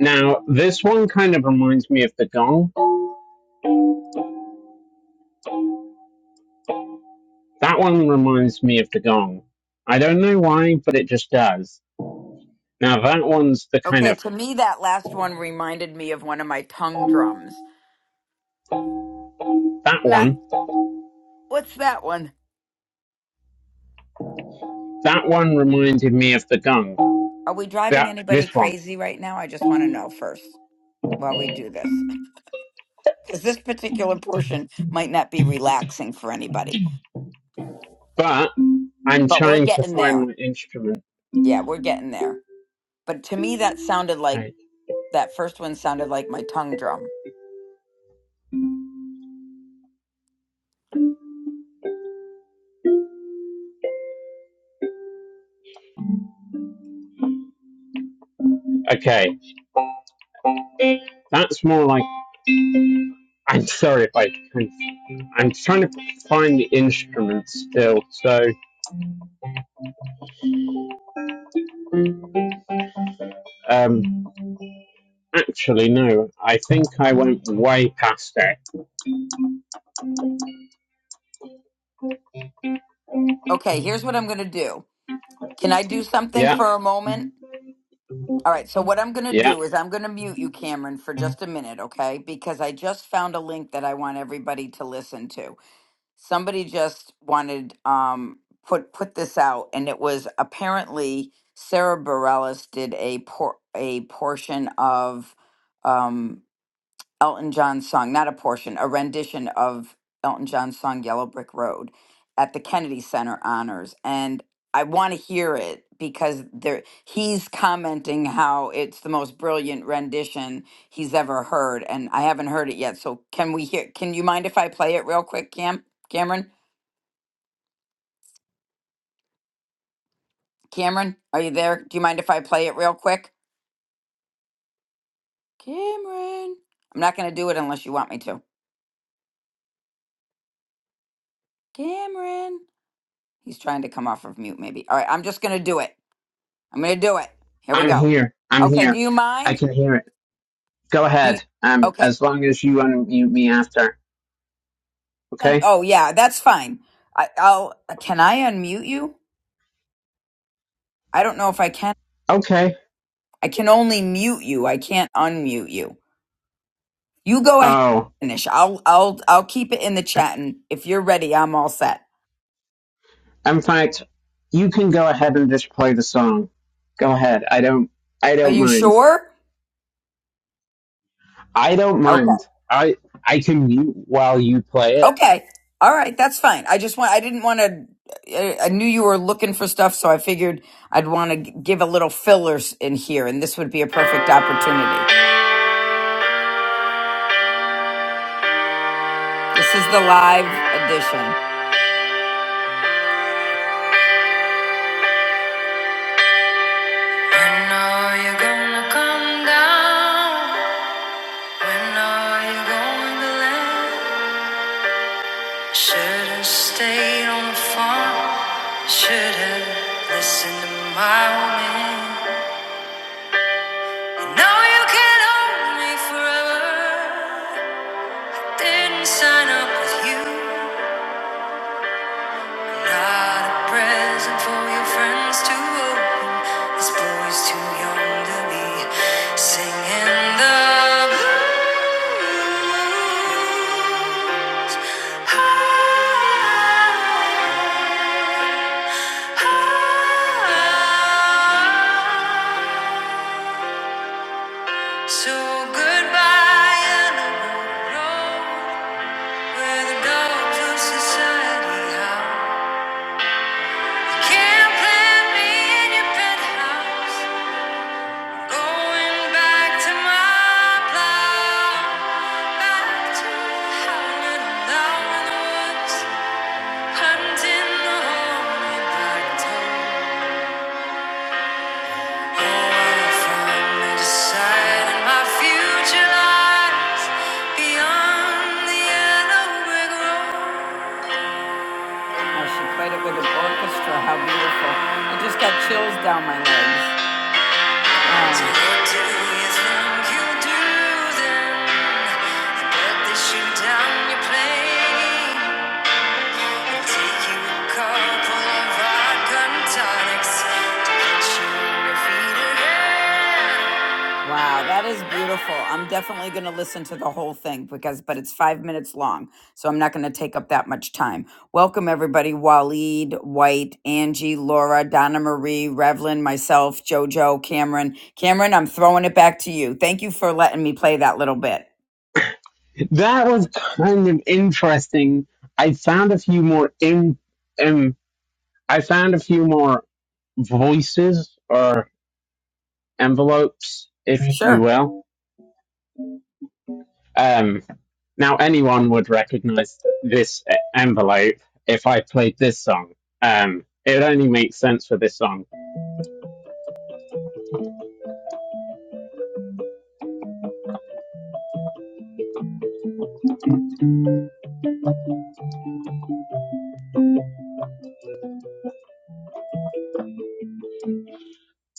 Speaker 1: now this one kind of reminds me of the gong That one reminds me of the gong. I don't know why, but it just does. Now that one's the kind
Speaker 3: Okay,
Speaker 1: of
Speaker 3: to me, that last one reminded me of one of my tongue drums.
Speaker 1: that
Speaker 3: Not,
Speaker 1: one.
Speaker 3: what's that one?
Speaker 1: That one reminded me of the gong.
Speaker 3: Are we driving
Speaker 1: That
Speaker 3: anybody
Speaker 1: this one.
Speaker 3: crazy right now? I just want to know first while we do this. Because this particular portion might not be relaxing for anybody,
Speaker 1: But I'm
Speaker 3: but we're
Speaker 1: trying to
Speaker 3: getting
Speaker 1: find
Speaker 3: there.
Speaker 1: my instrument.
Speaker 3: Yeah, we're getting there. But to me, that sounded like
Speaker 1: Right.
Speaker 3: that first one sounded like my tongue drum.
Speaker 1: Okay, that's more like. I'm sorry if I. Can, I'm trying to find the instrument still. So, um, actually, no. I think I went way past it.
Speaker 3: Okay, here's what I'm going to do. Can I do something
Speaker 1: Yeah,
Speaker 3: for a moment? All right, so what I'm going to
Speaker 1: yeah.
Speaker 3: do is I'm going to mute you, Cameron, for just a minute, okay? Because I just found a link that I want everybody to listen to. Somebody just wanted um put put this out and it was apparently Sarah Bareilles did a por- a portion of um Elton John's song, not a portion, a rendition of Elton John's song Yellow Brick Road at the Kennedy Center honors and I want to hear it because there he's commenting how it's the most brilliant rendition he's ever heard and I haven't heard it yet. So can we hear can you mind if I play it real quick, Cam? Cameron? Cameron, are you there? Do you mind if I play it real quick? Cameron. I'm not going to do it unless you want me to. Cameron. He's trying to come off of mute maybe. All right, I'm just going to do it. I'm gonna do it. Here we
Speaker 1: I'm
Speaker 3: go.
Speaker 1: here. I'm
Speaker 3: Okay. Do
Speaker 1: here.
Speaker 3: you
Speaker 1: I
Speaker 3: mind?
Speaker 1: can hear it. Go
Speaker 3: Do you,
Speaker 1: ahead. Um,
Speaker 3: okay.
Speaker 1: as long as you unmute me after.
Speaker 3: And-
Speaker 1: Okay?
Speaker 3: oh yeah, that's fine. I, I'll. uh, Can I unmute you? I don't know if I can.
Speaker 1: Okay.
Speaker 3: I can only mute you. I can't unmute you. You go ahead.
Speaker 1: Oh,
Speaker 3: and Finish. I'll. I'll. I'll keep it in the chat, and if you're ready, I'm all set.
Speaker 1: in fact, you can go ahead and just play the song. Go ahead. I don't. I
Speaker 3: Are
Speaker 1: don't
Speaker 3: you
Speaker 1: mind.
Speaker 3: sure?
Speaker 1: I don't
Speaker 3: Okay.
Speaker 1: mind. I I can mute while you play
Speaker 3: Okay. All right. That's fine. I just want. I didn't want to. I I knew you were looking for stuff, so I figured I'd want to give a little fillers in here, and this would be a perfect opportunity. This is the live edition. When are you gonna come down? When are you going to land? Should have stayed on the farm. Should have listened to my woman. And now you can't hold me forever. Didn't sign up with you. Not a present for your friends to open. This boy's too young to be singing the blues. Ah, ah. So goodbye another road where the dogs of society howl. Can't plant Oh, it with an orchestra. How beautiful. I just got chills down my legs. So what do you think you'll do then? I bet that you down your plane and take you a couple of vodka and tonics to get you on your feet again. Wow, that is beautiful. I'm definitely going to listen to the whole thing because, but it's five minutes long, so I'm not going to take up that much time. Welcome, everybody. Waleed, White, Angie, Laura, Donna Marie, Revlin, myself, JoJo, Cameron. Cameron, I'm throwing it back to you. Thank you for letting me play that little bit.
Speaker 1: it. That was kind of interesting. I found a few more in. Um, I found a few more voices or envelopes, if you
Speaker 3: Sure.
Speaker 1: will. Um, Now, anyone would recognize this e- envelope if I played this song. Um, it only makes sense for this song,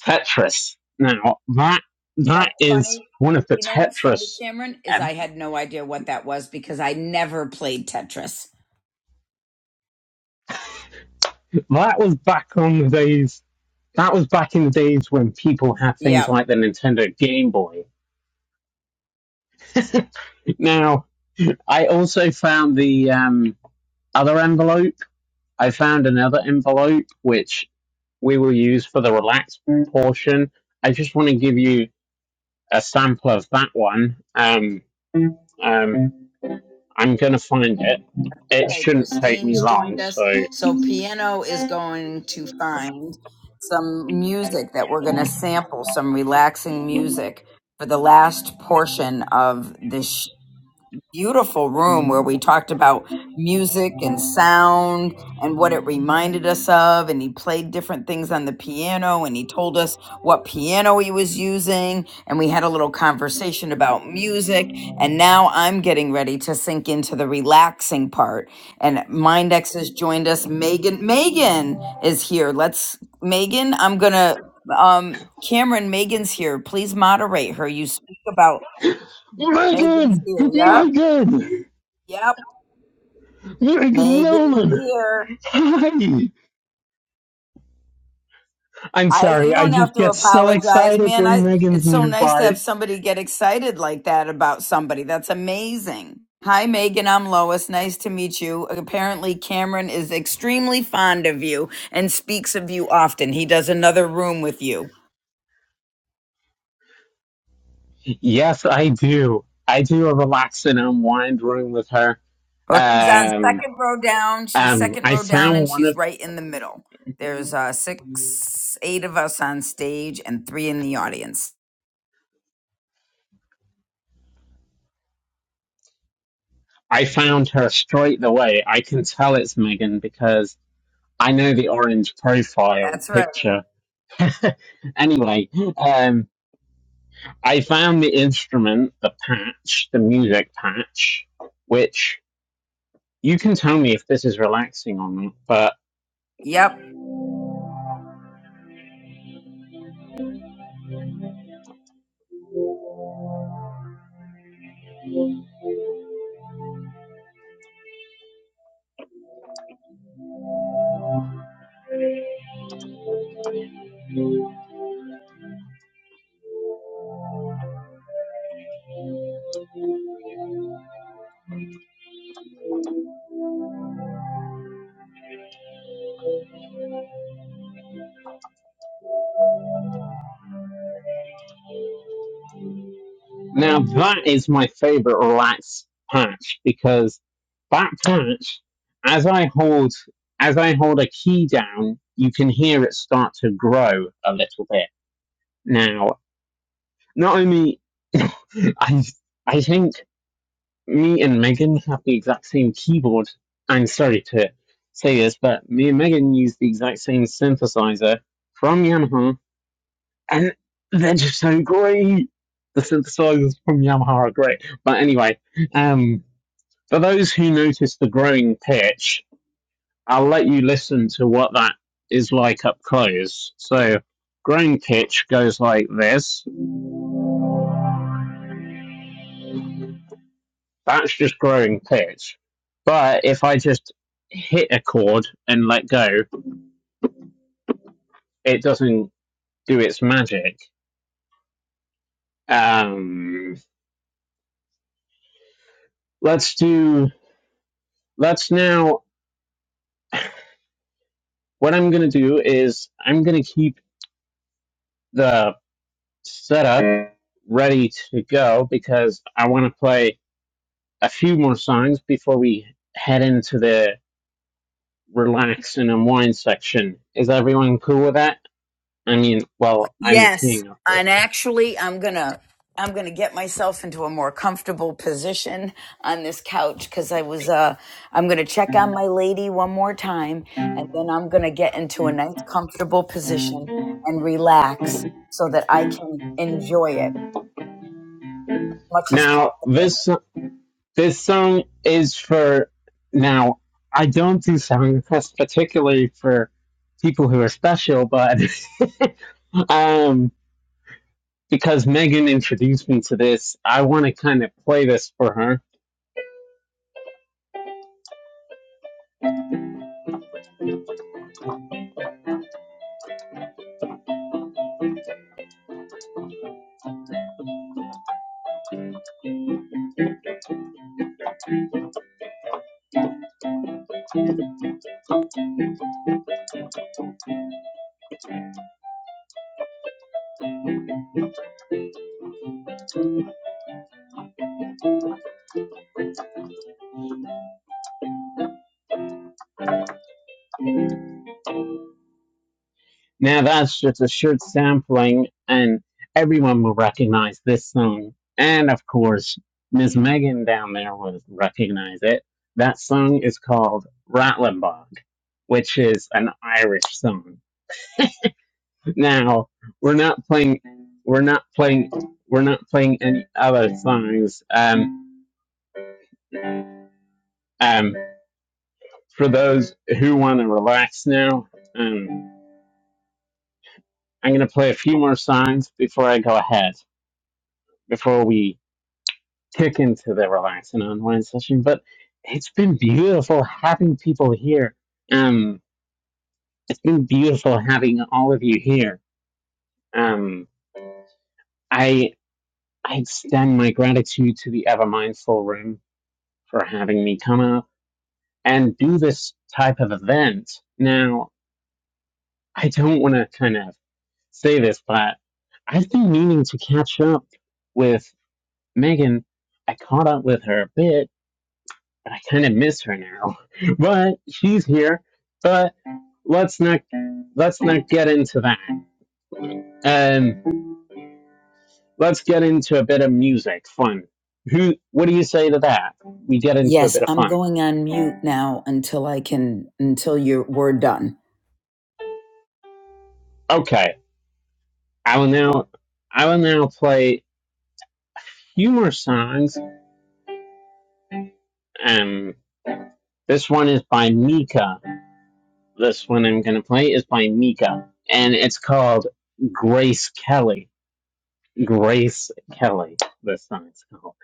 Speaker 1: Tetris. Now, that that
Speaker 3: That's
Speaker 1: is
Speaker 3: funny.
Speaker 1: one of the
Speaker 3: You know what's funny,
Speaker 1: Tetris.
Speaker 3: Cameron, is
Speaker 1: um,
Speaker 3: I had no idea what that was because I never played Tetris.
Speaker 1: That was back on the days. That was back in the days when people had things
Speaker 3: Yep.
Speaker 1: like the Nintendo Game Boy. Now, I also found the um, other envelope. I found another envelope which we will use for the relaxed portion. I just want to give you a sample of that one. Um, um, I'm gonna find it. It
Speaker 3: Hey,
Speaker 1: shouldn't take me
Speaker 3: Christine's
Speaker 1: long.
Speaker 3: joined us.
Speaker 1: So
Speaker 3: So Piano is going to find some music that we're going to sample, some relaxing music for the last portion of this beautiful room where we talked about music and sound and what it reminded us of and he played different things on the piano and he told us what piano he was using and we had a little conversation about music and now I'm getting ready to sink into the relaxing part and Mindex has joined us Megan Megan is here let's Megan I'm going to um Cameron Megan's here please moderate her you speak about Megan's here yep yep Megan, dear, I you
Speaker 1: Sorry, I
Speaker 3: don't have
Speaker 1: just
Speaker 3: to
Speaker 1: get so
Speaker 3: apologize,
Speaker 1: excited
Speaker 3: man.
Speaker 1: when
Speaker 3: I
Speaker 1: Megan's
Speaker 3: it's so nice to
Speaker 1: nearby.
Speaker 3: have somebody get excited like that about somebody. That's amazing. Hi, Megan. I'm Lois. Nice to meet you. Apparently, Cameron is extremely fond of you and speaks of you often. He does another room with you.
Speaker 1: yes, I do. I do a relax and unwind room with her.
Speaker 3: Or She's on
Speaker 1: Um,
Speaker 3: second row down. She's
Speaker 1: um,
Speaker 3: second
Speaker 1: I
Speaker 3: row down, and
Speaker 1: found one
Speaker 3: she's
Speaker 1: of.
Speaker 3: right in the middle. There's uh, six, eight of us on stage, and three in the audience.
Speaker 1: I found her straight away. I can tell it's Megan because I know the orange profile
Speaker 3: That's right.
Speaker 1: picture. anyway, um, I found the instrument, the patch, the music patch, which you can tell me if this is relaxing or not. But
Speaker 3: Yep.
Speaker 1: now that is my favorite relaxed patch because that patch, as I hold, as I hold a key down, you can hear it start to grow a little bit. Now, not only I, I think me and Megan have the exact same keyboard. I'm sorry to say this, but me and Megan use the exact same synthesizer from Yamaha, and they're just so great. The synthesizers from Yamaha are great. But anyway, um, for those who notice the growing pitch, I'll let you listen to what that is like up close. So, growing pitch goes like this. That's just growing pitch. But if I just hit a chord and let go, it doesn't do its magic. Um, let's do. Let's now. What I'm going to do is I'm going to keep the setup ready to go because I want to play a few more songs before we head into the relax and unwind section. Is everyone cool with that? I mean, well, I'm the
Speaker 3: Yes,
Speaker 1: king of
Speaker 3: and
Speaker 1: this.
Speaker 3: actually, I'm gonna I'm gonna get myself into a more comfortable position on this couch because I was uh I'm gonna check on my lady one more time, and then I'm gonna get into a nice comfortable position and relax so that I can enjoy it much as
Speaker 1: Now,
Speaker 3: possible.
Speaker 1: this This song is for now. I don't do song requests particularly for people who are special, but um, because Megan introduced me to this, I want to kind of play this for her. Now that's just a short sampling, and everyone will recognize this song, and of course, Miss Megan down there will recognize it. That song is called Rattlinbog, which is an Irish song. Now we're not playing. We're not playing. We're not playing any other songs. Um, um, for those who want to relax now, um, I'm going to play a few more songs before I go ahead. Before we kick into the relax and unwind session. But it's been beautiful having people here. Um, it's been beautiful having all of you here. Um, I I extend my gratitude to the ever mindful room for having me come up and do this type of event. Now, I don't want to kind of say this, but I've been meaning to catch up with Megan. I caught up with her a bit, but I kind of miss her now. But she's here. But let's not let's not get into that. Um, let's get into a bit of music, fun. Who? What do you say to that? We get into a
Speaker 3: Yes,
Speaker 1: bit of
Speaker 3: I'm
Speaker 1: fun.
Speaker 3: going on mute now until I can until you're we're done.
Speaker 1: Okay, I will now I will now play a few more songs Um, this one is by Mika. This one I'm going to play is by Mika, and it's called Grace Kelly. Grace Kelly. This song called.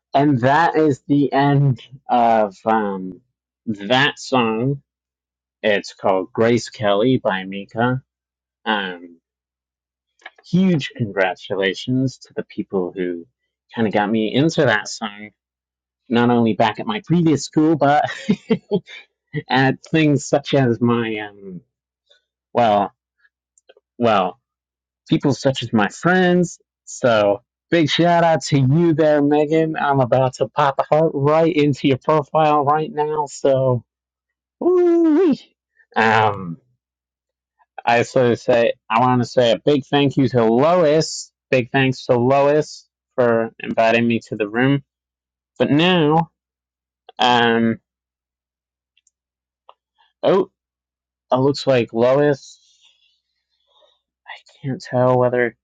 Speaker 1: and that is the end of um, that song. It's called Grace Kelly by Mika. Um, huge congratulations to the people who kind of got me into that song, not only back at my previous school, but at things such as my um, Well, well, people such as my friends. So big shout out to you there, Megan. I'm about to pop a heart right into your profile right now. So, woo um, I sort of say I want to say a big thank you to Lois. Big thanks to Lois for inviting me to the room. But now, um, oh, it looks like Lois. I can't tell whether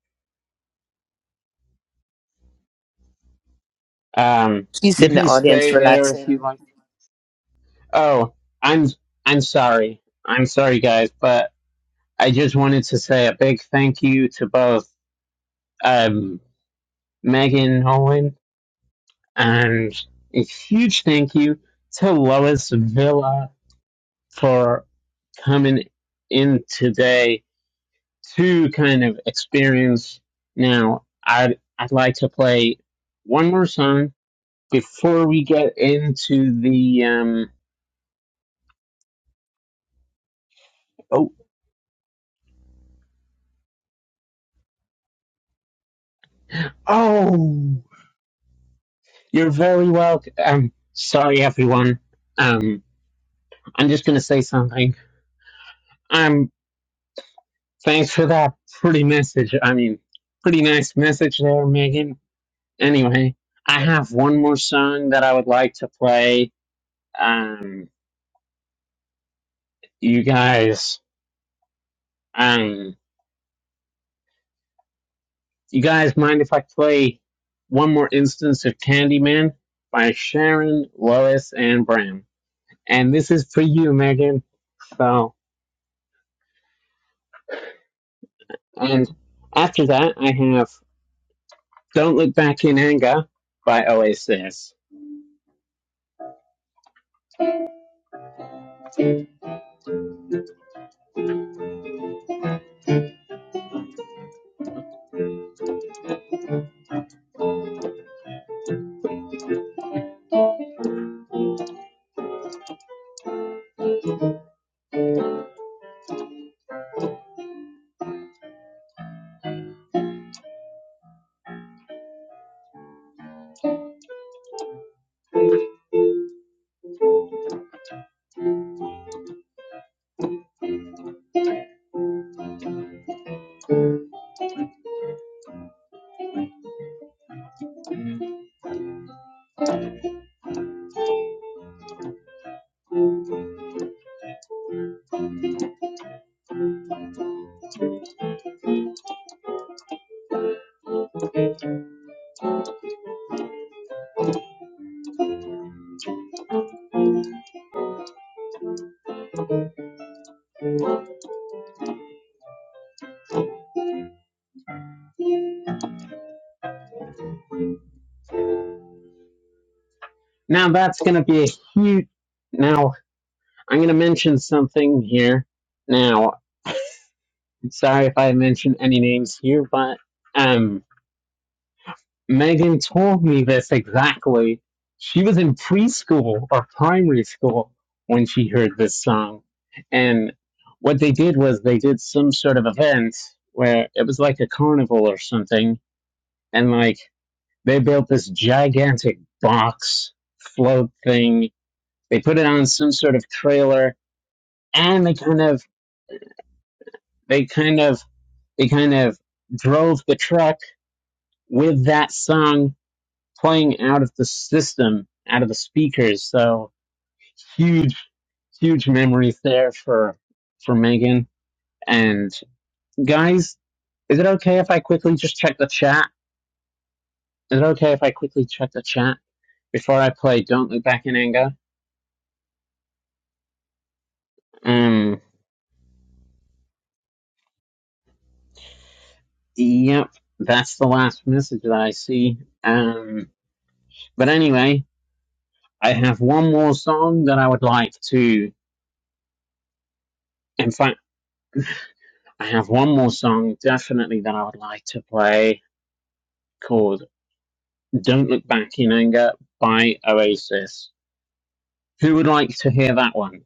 Speaker 1: um,
Speaker 5: She's
Speaker 1: you
Speaker 5: in the
Speaker 1: can
Speaker 5: audience
Speaker 1: stay there if you
Speaker 5: relaxing.
Speaker 1: like. Oh, I'm I'm sorry. I'm sorry, guys, but I just wanted to say a big thank you to both um, Megan Nolan and a huge thank you to Lois Villa for coming in today to kind of experience. Now, I'd I'd like to play one more song before we get into the um. Oh, oh! You're very welcome. Um, sorry, everyone. Um, I'm just going to say something. Um, thanks for that pretty message. I mean, pretty nice message there, Megan. Anyway, I have one more song that I would like to play. Um, you guys, um, you guys mind if I play one more instance of Candyman by Sharon, Lois, and Bram? And this is for you, Megan. So, and after that, I have. Don't Look Back in Anger by Oasis. Now that's going to be a huge. Now I'm going to mention something here. Now, sorry if I mention any names here, but um, Megan told me this exactly. She was in preschool or primary school when she heard this song, and what they did was they did some sort of event where it was like a carnival or something, and like They built this gigantic box float thing. They put it on some sort of trailer and they kind of, they kind of, they kind of drove the truck with that song playing out of the system, out of the speakers. So huge, huge memories there for, for Megan. And guys, is it okay if I quickly just check the chat? Is it okay if I quickly check the chat before I play Don't Look Back in Anger? Um. Yep, that's the last message that I see. Um, but anyway, I have one more song that I would like to. In fact, I have one more song definitely that I would like to play called Don't Look Back in Anger by Oasis. Who would like to hear that one?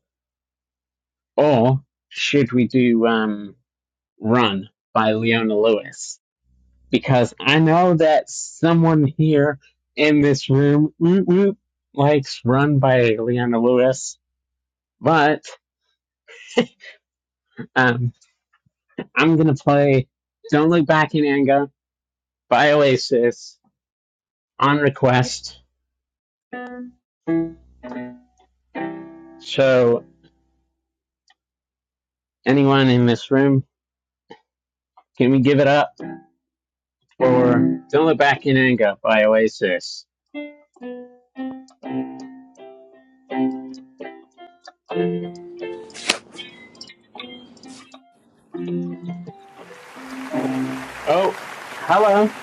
Speaker 1: Or should we do um, Run by Leona Lewis? Because I know that someone here in this room whoop, whoop, likes Run by Leona Lewis But um, I'm gonna play "Don't Look Back in Anger" by Oasis on request. So anyone in this room, can we give it up for "Don't Look Back in Anger" by Oasis? Oh, hello,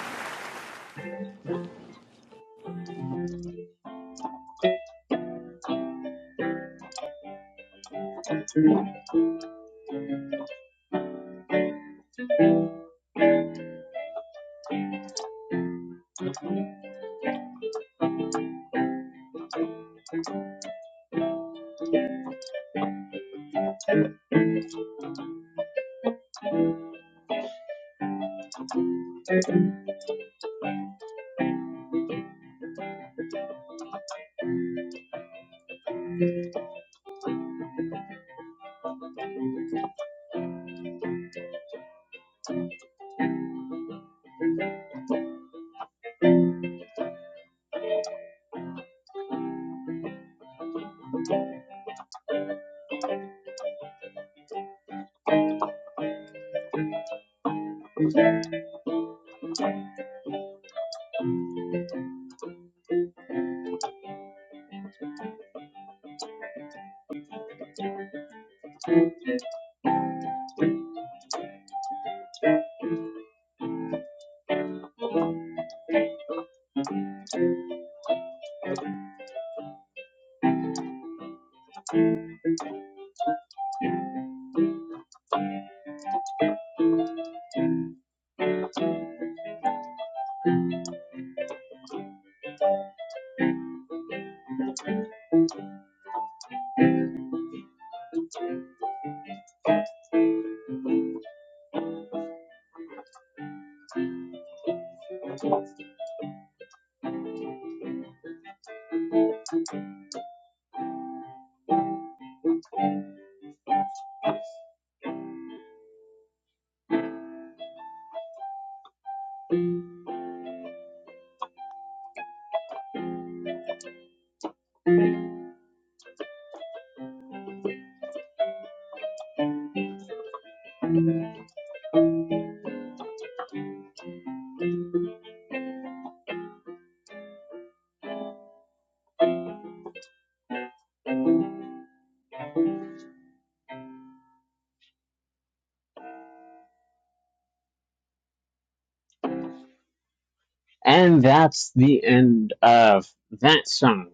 Speaker 1: and that's the end of that song.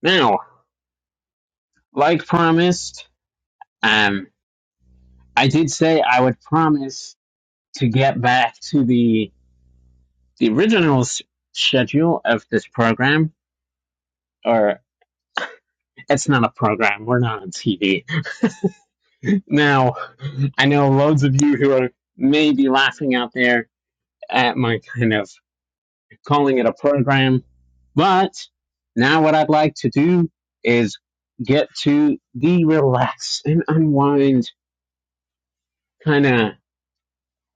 Speaker 1: Now, like promised, um, I did say I would promise to get back to the the original schedule of this program, or It's not a program. We're not on TV. Now, I know loads of you who are maybe laughing out there at my kind of calling it a program, but now what I'd like to do is get to the relax and unwind kind of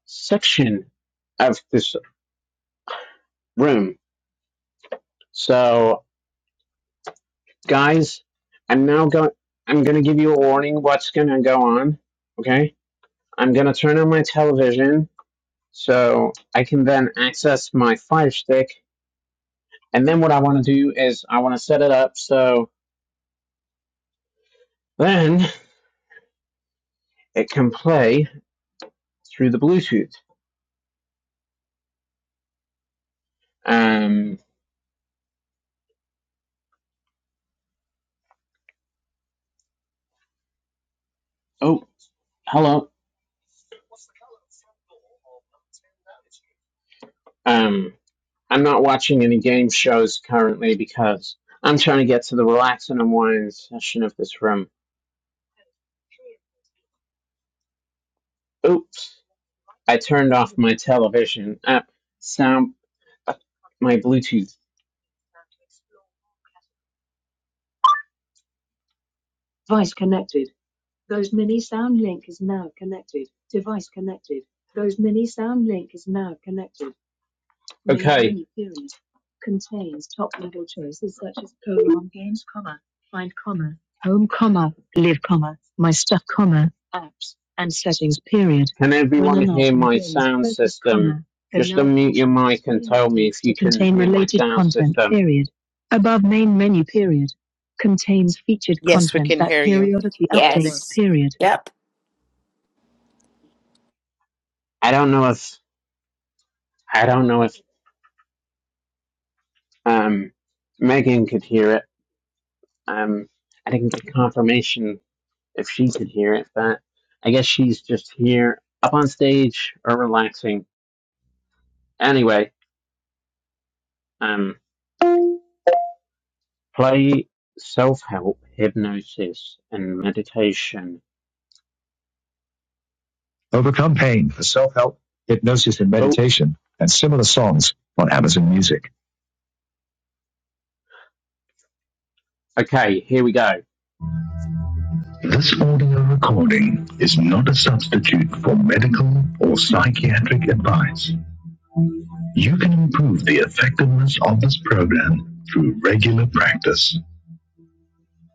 Speaker 1: section of this room. So, guys, I'm now going. I'm going to give you a warning what's going to go on. Okay. I'm going to turn on my television So I can then access my Fire Stick. And then what I want to do is I want to set it up so then it can play through the Bluetooth. Um, oh, hello. Um, I'm not watching any game shows currently because I'm trying to get to the relax and unwind session of this room. Oops. I turned off my television. Uh, sound, uh, my Bluetooth. Okay. Can everyone hear my sound system? Just unmute your mic and tell me if you can hear my sound system.
Speaker 5: Yes, we can hear you. Everything.
Speaker 6: Yes. Yep.
Speaker 1: I don't know if I don't know if um Megan could hear it. Um, I didn't get confirmation if she could hear it, but I guess she's just here up on stage or relaxing. Anyway, um, play self help, hypnosis, and meditation Overcome Pain for self help, hypnosis, and meditation, and similar songs on Amazon Music. Okay, here we go. This audio recording is not a substitute for medical or psychiatric advice. You can improve the effectiveness of this program through regular practice.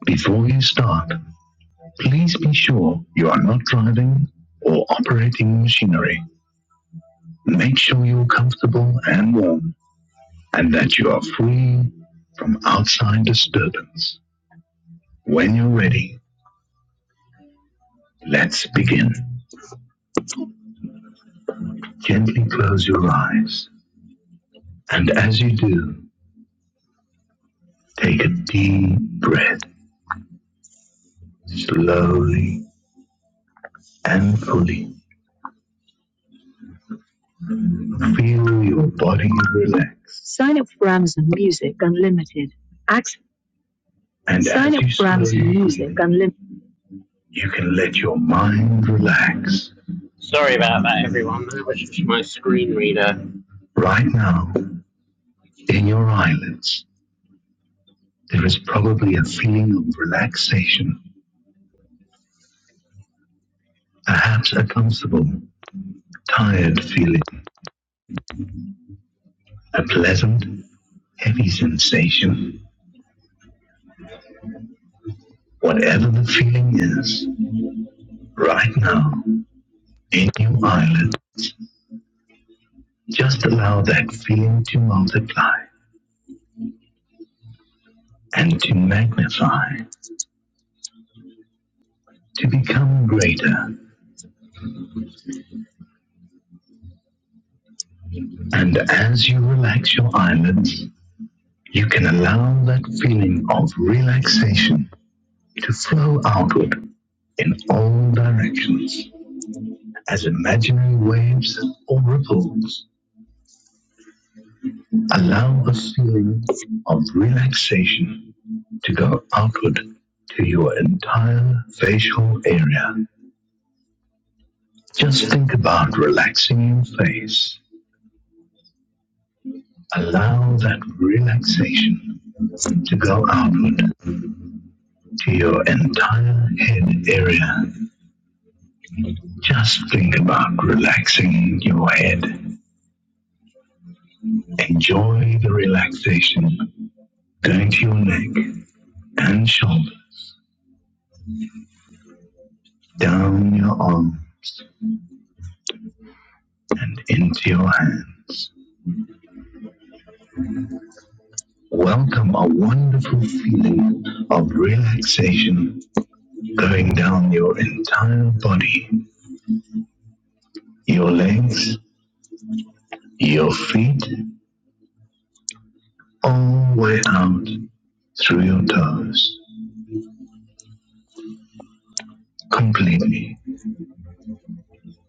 Speaker 1: Before you start, please be sure you are not driving or operating machinery. Make sure you're comfortable and warm and that you are free from outside disturbance. When you're ready, let's begin. Gently close your eyes, and as you do, take a deep breath, slowly and fully. Feel your body relax, and you can let your mind relax. Sorry about that, everyone. That was just my screen reader. Right now, in your eyelids, there is probably a feeling of relaxation Perhaps a comfortable, tired feeling, a pleasant, heavy sensation. Whatever the feeling is, right now, in your eyelids, just allow that feeling to multiply and to magnify, to become greater. And as you relax your eyelids, you can allow that feeling of relaxation to flow outward in all directions as imaginary waves or ripples Allow a feeling of relaxation to go outward to your entire facial area. Just think about relaxing your face. Allow that relaxation to go outward to your entire head area. Just think about relaxing your head. Enjoy the relaxation going to your neck and shoulders, down your arms, and into your hands. Welcome a wonderful feeling of relaxation going down your entire body, your legs, your feet, all the way out through your toes, completely,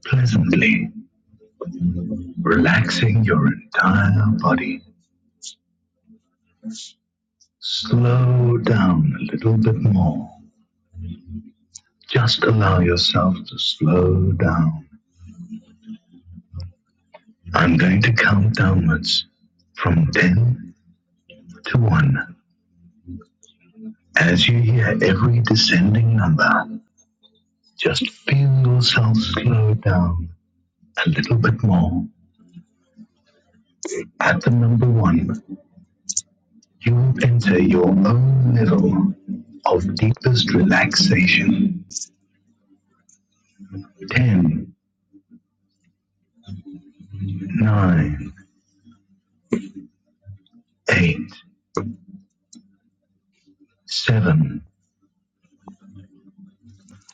Speaker 1: pleasantly, relaxing your entire body. Slow down a little bit more. Just allow yourself to slow down. I'm going to count downwards from 10 to one. As you hear every descending number, just feel yourself slow down a little bit more. At the number one, you will enter your own level of deepest relaxation. Ten, nine, eight, seven,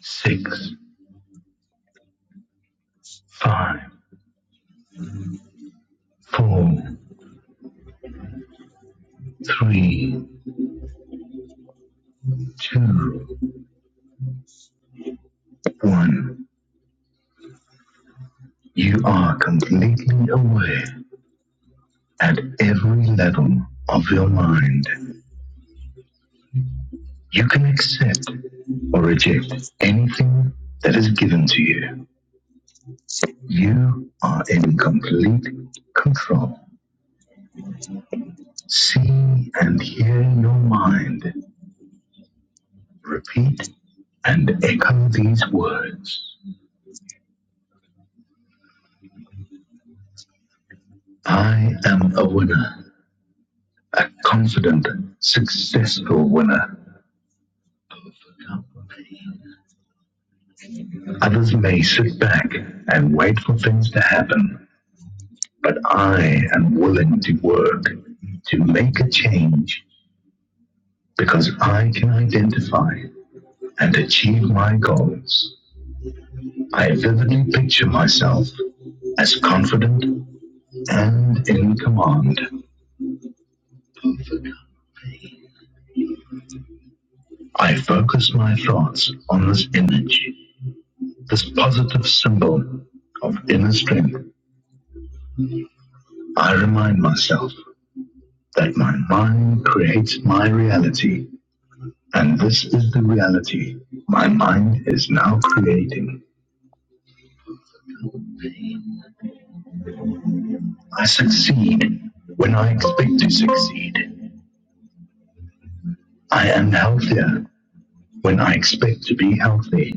Speaker 1: six, five, four, three, two, one. You are completely aware at every level of your mind. You can accept or reject anything that is given to you. You are in complete control. See and hear your mind. Repeat and echo these words. I am a winner, a confident, successful winner. Others may sit back and wait for things to happen, but I am willing to work to make a change because I can identify and achieve my goals. I vividly picture myself as confident and in command. I focus my thoughts on this image, this positive symbol of inner strength. I remind myself that my mind creates my reality, and this is the reality my mind is now creating. I succeed when I expect to succeed. I am healthier when I expect to be healthy.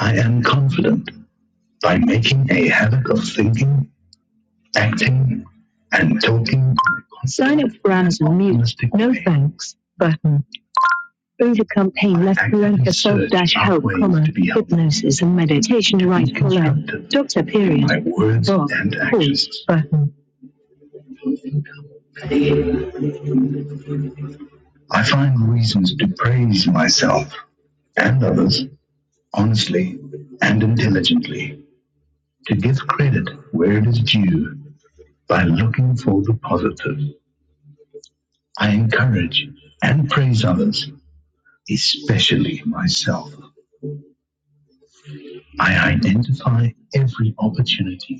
Speaker 1: I am confident by making a habit of thinking, acting, and talking honest words. I find reasons to praise myself and others honestly and intelligently, to give credit where it is due by looking for the positive. I encourage and praise others, especially myself. I identify every opportunity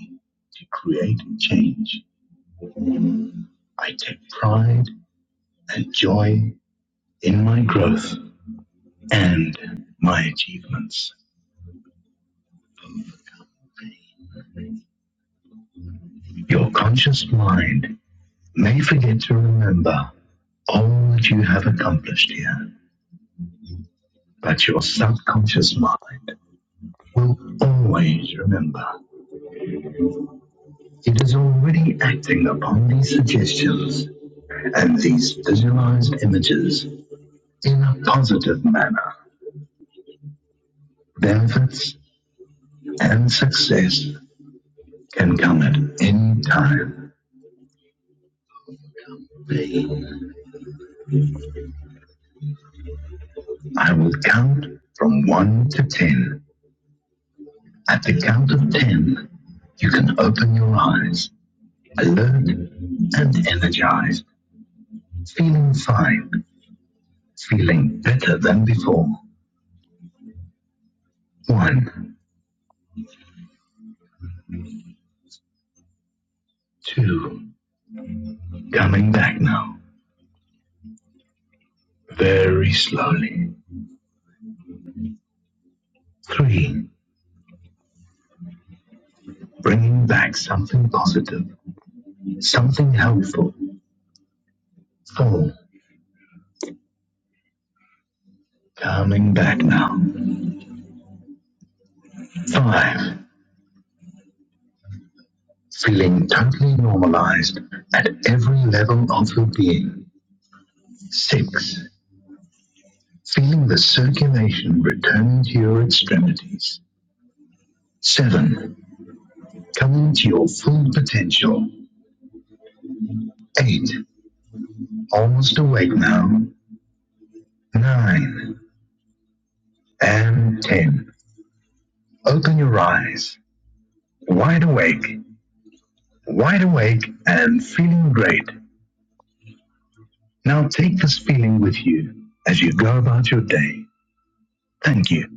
Speaker 1: to create change. I take pride and joy in my growth and my achievements. Your conscious mind may forget to remember all that you have accomplished here, but your subconscious mind will always remember. It is already acting upon these suggestions and these visualized images in a positive manner. Benefits and success can come at any time. Be I will count from one to ten. At the count of ten, you can open your eyes, alert and energized, feeling fine, feeling better than before. One, two, coming back now, very slowly. Three, bringing back something positive, something helpful. Four, coming back now. Five, feeling totally normalized at every level of your being. Six, feeling the circulation returning to your extremities. Seven, coming to your full potential. Eight, almost awake now. Nine, and ten. Open your eyes, wide awake, wide awake, and feeling great. Now take this feeling with you as you go about your day. Thank you.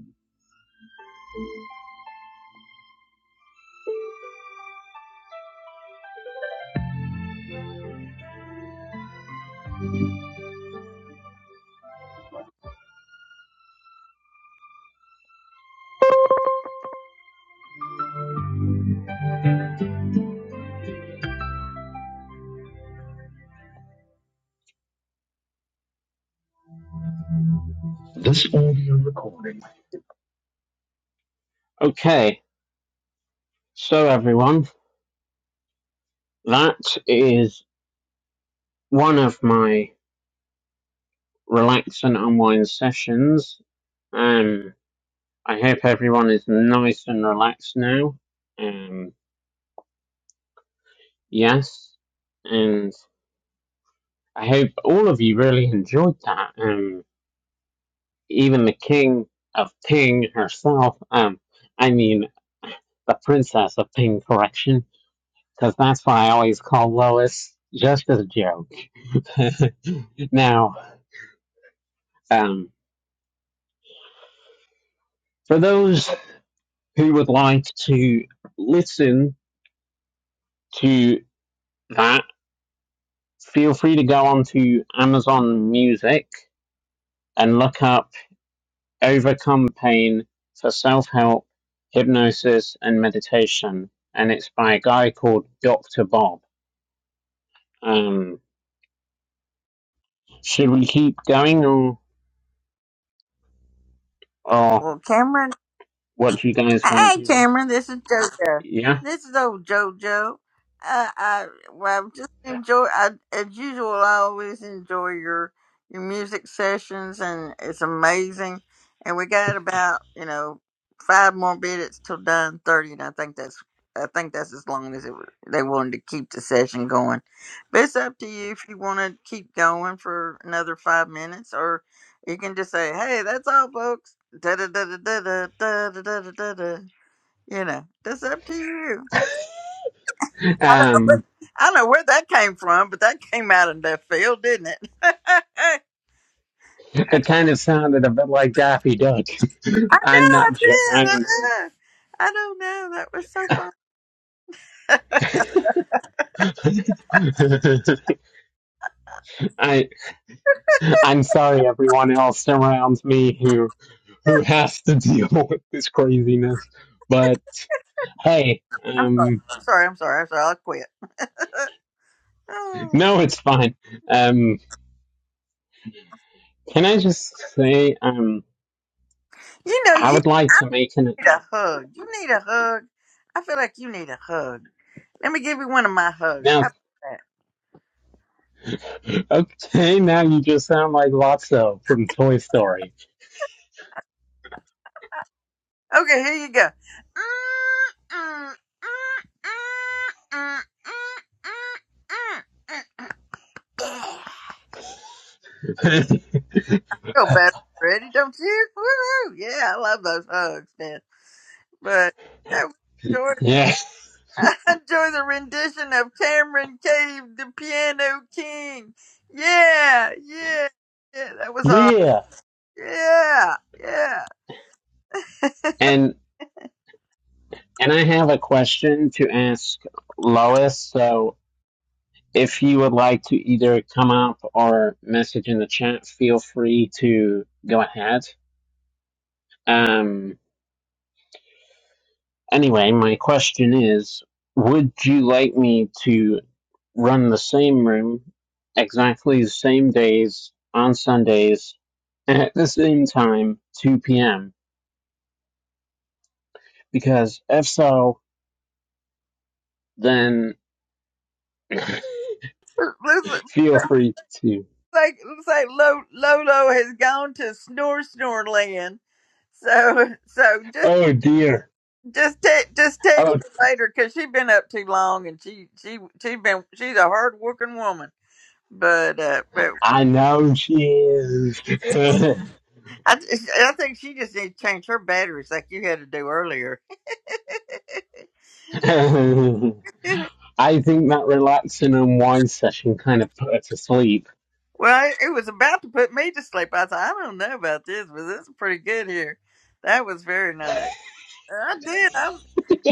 Speaker 1: This audio recording. Okay, so everyone, that is one of my relax and unwind sessions. Um, I hope everyone is nice and relaxed now. Um, yes, and I hope all of you really enjoyed that. Um, even the King of Ping herself. Um, I mean the Princess of Ping, correction, because that's why I always call Lois just as a joke. now, um, for those who would like to listen to that feel free to go onto Amazon Music and look up Overcome Pain for Self Help, Hypnosis, and Meditation. And it's by a guy called Dr. Bob. Um, should we keep going or, or
Speaker 2: Well, Cameron
Speaker 1: what do you guys want to
Speaker 2: Hey,
Speaker 1: do now?
Speaker 2: Cameron, this is JoJo.
Speaker 1: Yeah.
Speaker 2: This is old JoJo. Uh, I well, just enjoy. I, as usual, I always enjoy your your music sessions, and it's amazing. And we got about you know five more minutes till nine thirty, and I think that's I think that's as long as it, wa- they wanted to keep the session going. But it's up to you if you want to keep going for another five minutes, or you can just say, "Hey, that's all, folks." da da da da da da da da da da da. You know, that's up to you. I don't know where
Speaker 1: Um,
Speaker 2: I don't know where that came from, but that came out of left field, didn't it? I
Speaker 1: it kind of sounded a bit like Daffy Duck.
Speaker 2: know,
Speaker 1: I'm
Speaker 2: I
Speaker 1: not sure.
Speaker 2: did. I
Speaker 1: I'm.
Speaker 2: know. I don't know. That was so fun.
Speaker 1: I, I'm sorry, everyone else around me who who has to deal with this craziness. But hey, um,
Speaker 2: I'm sorry. I'm sorry. I'm sorry. I'll quit. Oh,
Speaker 1: no, it's fine. Um, can I just say, um,
Speaker 2: you know,
Speaker 1: I
Speaker 2: you
Speaker 1: would like to make an
Speaker 2: need a hug. You need a hug. I feel like you need a hug. Let me give you one of my hugs. How
Speaker 1: now.
Speaker 2: about that?
Speaker 1: Okay, now you just sound like Lotso from Toy Story.
Speaker 2: Okay, here you go. Feel better already, don't you? Woo! Yeah, I love those hugs, man. But that was short.
Speaker 1: yeah,
Speaker 2: enjoy the rendition of Cameron Cave, the Piano King. Yeah, yeah, yeah. That was awesome.
Speaker 1: yeah,
Speaker 2: Yeah, yeah.
Speaker 1: and and I have a question to ask Lois. So, if you would like to either come up or message in the chat, feel free to go ahead. Um, anyway, my question is Would you like me to run the same room exactly the same days on Sundays at the same time, 2 p.m.? Because if so, then
Speaker 2: Listen.
Speaker 1: feel free to.
Speaker 2: like looks like Lo- Lolo has gone to snore snore land. So so just
Speaker 1: Oh dear.
Speaker 2: just te- just text
Speaker 1: Oh,
Speaker 2: her later because she's been up too long and she she she's been she's a hard working woman. But uh, but
Speaker 1: I know she is.
Speaker 2: I I think she just needs to change her batteries like you had to do earlier.
Speaker 1: I think that relax and unwind session kind of put her to sleep.
Speaker 2: well, it, it was about to put me to sleep. I thought I don't know about this, but this is pretty good here. That was very nice. I did. I, was-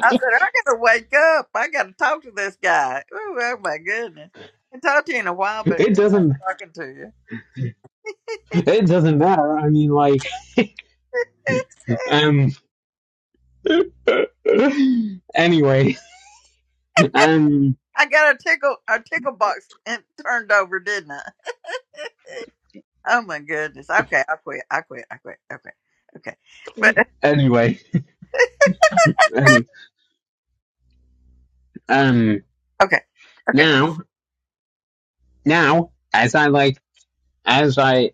Speaker 2: I said, I gotta wake up. I gotta talk to this guy. Ooh, oh my goodness. I haven't talked to you in a while, but
Speaker 1: It doesn't.
Speaker 2: I'm talking to you.
Speaker 1: It doesn't matter. I mean, like, um. anyway, um.
Speaker 2: I got a tickle a tickle box and turned over, didn't I? Oh my goodness. Okay, I quit. I quit. I quit. Okay. Okay. But
Speaker 1: Anyway, any, um.
Speaker 2: okay. Okay.
Speaker 1: Now, now, as I like, as I,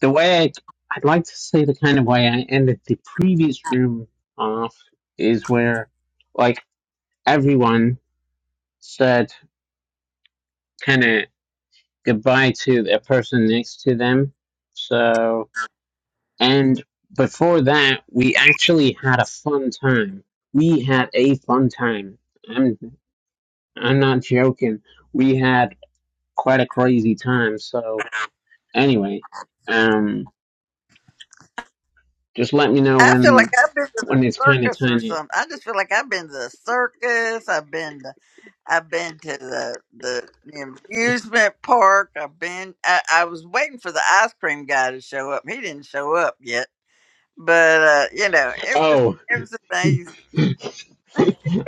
Speaker 1: the way I, I'd like to say the kind of way I ended the previous room off is where, like, everyone said kind of goodbye to the person next to them. So And before that, we actually had a fun time. We had a fun time. I'm I'm not joking. We had quite a crazy time. So anyway, um, just let me know
Speaker 2: I feel like
Speaker 1: when
Speaker 2: I've been to the
Speaker 1: when it's kind of
Speaker 2: circus or
Speaker 1: tiny.
Speaker 2: something. I just feel like I've been to the circus. I've been to I've been to the the amusement park. I've been. I, I was waiting for the ice cream guy to show up. He didn't show up yet. But uh, you know, it was
Speaker 1: Oh,
Speaker 2: it was amazing.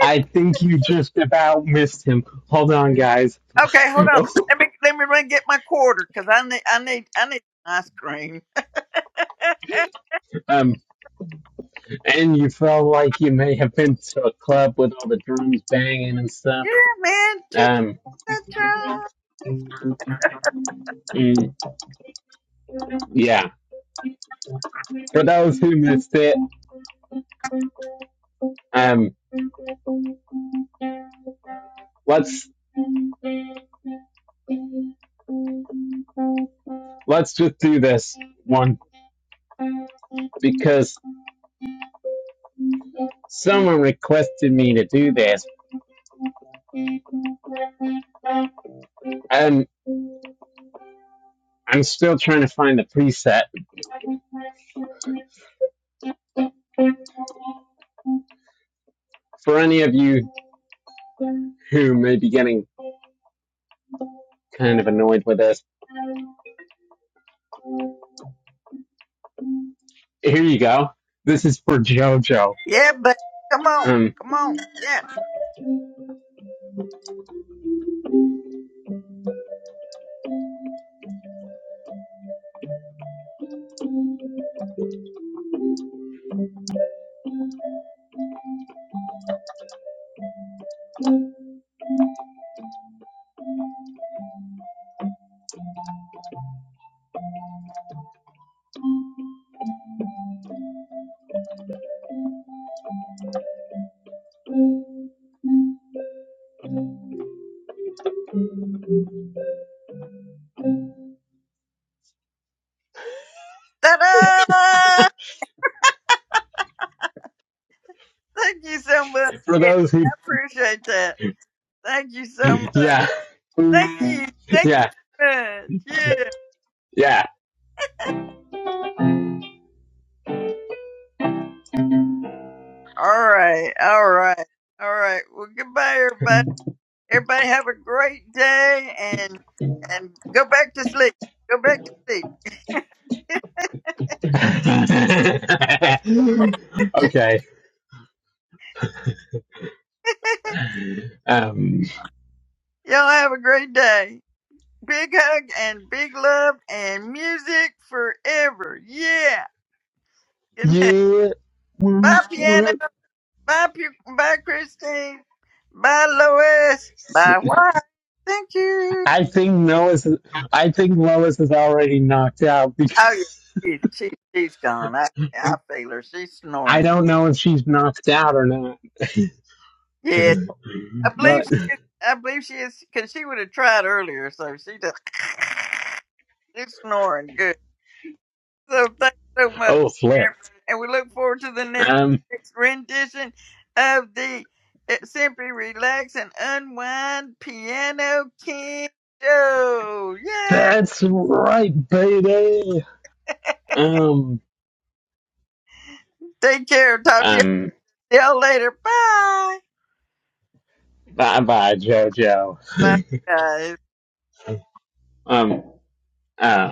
Speaker 1: I think you just about missed him. Hold on, guys.
Speaker 2: Okay, hold on. Let me let me run get my quarter because I need I need I need ice cream.
Speaker 1: um, and you felt like you may have been to a club with all the drums banging and stuff.
Speaker 2: Yeah, man. Ch-
Speaker 1: Um,
Speaker 2: ch- ch-
Speaker 1: mm, yeah. For those who missed it, um, let's let's just do this one because someone requested me to do this, and I'm still trying to find the preset. For any of you who may be getting kind of annoyed with this, here you go. This is for JoJo.
Speaker 2: Yeah, but come on,
Speaker 1: Um,
Speaker 2: come on. Yeah. Ta-da! Thank you so much.
Speaker 1: for
Speaker 2: Ed.
Speaker 1: those
Speaker 2: I
Speaker 1: who,
Speaker 2: appreciate that. Thank you so much.
Speaker 1: yeah,
Speaker 2: Thank you. Thank you
Speaker 1: yeah,
Speaker 2: very much. Yeah.
Speaker 1: yeah.
Speaker 2: All right. All right. All right. Well, goodbye, everybody. Everybody have a great day and and go back to sleep. Go back to sleep.
Speaker 1: okay. Um,
Speaker 2: Y'all have a great day. Big hug and big love and music forever. Yeah. Good night. Bye, piano. Bye, Pu- bye, Christine. Bye, Lois.
Speaker 1: yes,
Speaker 2: Bye, Why. Thank you.
Speaker 1: I think Lois. I think Lois is already knocked out
Speaker 2: Oh
Speaker 1: because
Speaker 2: yeah, she, she she's gone. I I feel her. She's
Speaker 1: I
Speaker 2: snoring.
Speaker 1: don't know if she's knocked out or not,
Speaker 2: Yeah, I believe
Speaker 1: but
Speaker 2: she is. I believe she is because she would have tried earlier. So she does. She's snoring good. So thanks so much,
Speaker 1: oh flip.
Speaker 2: Sharon, and we look forward to the next,
Speaker 1: Um,
Speaker 2: next rendition of the uh, "Simply Relax and Unwind" Piano King Show. Yeah.
Speaker 1: that's right, baby. Um,
Speaker 2: Take care. Talk to
Speaker 1: um,
Speaker 2: y'all later. Bye.
Speaker 1: bye bye,
Speaker 2: Bye,
Speaker 1: JoJo.
Speaker 2: guys.
Speaker 1: Um, uh,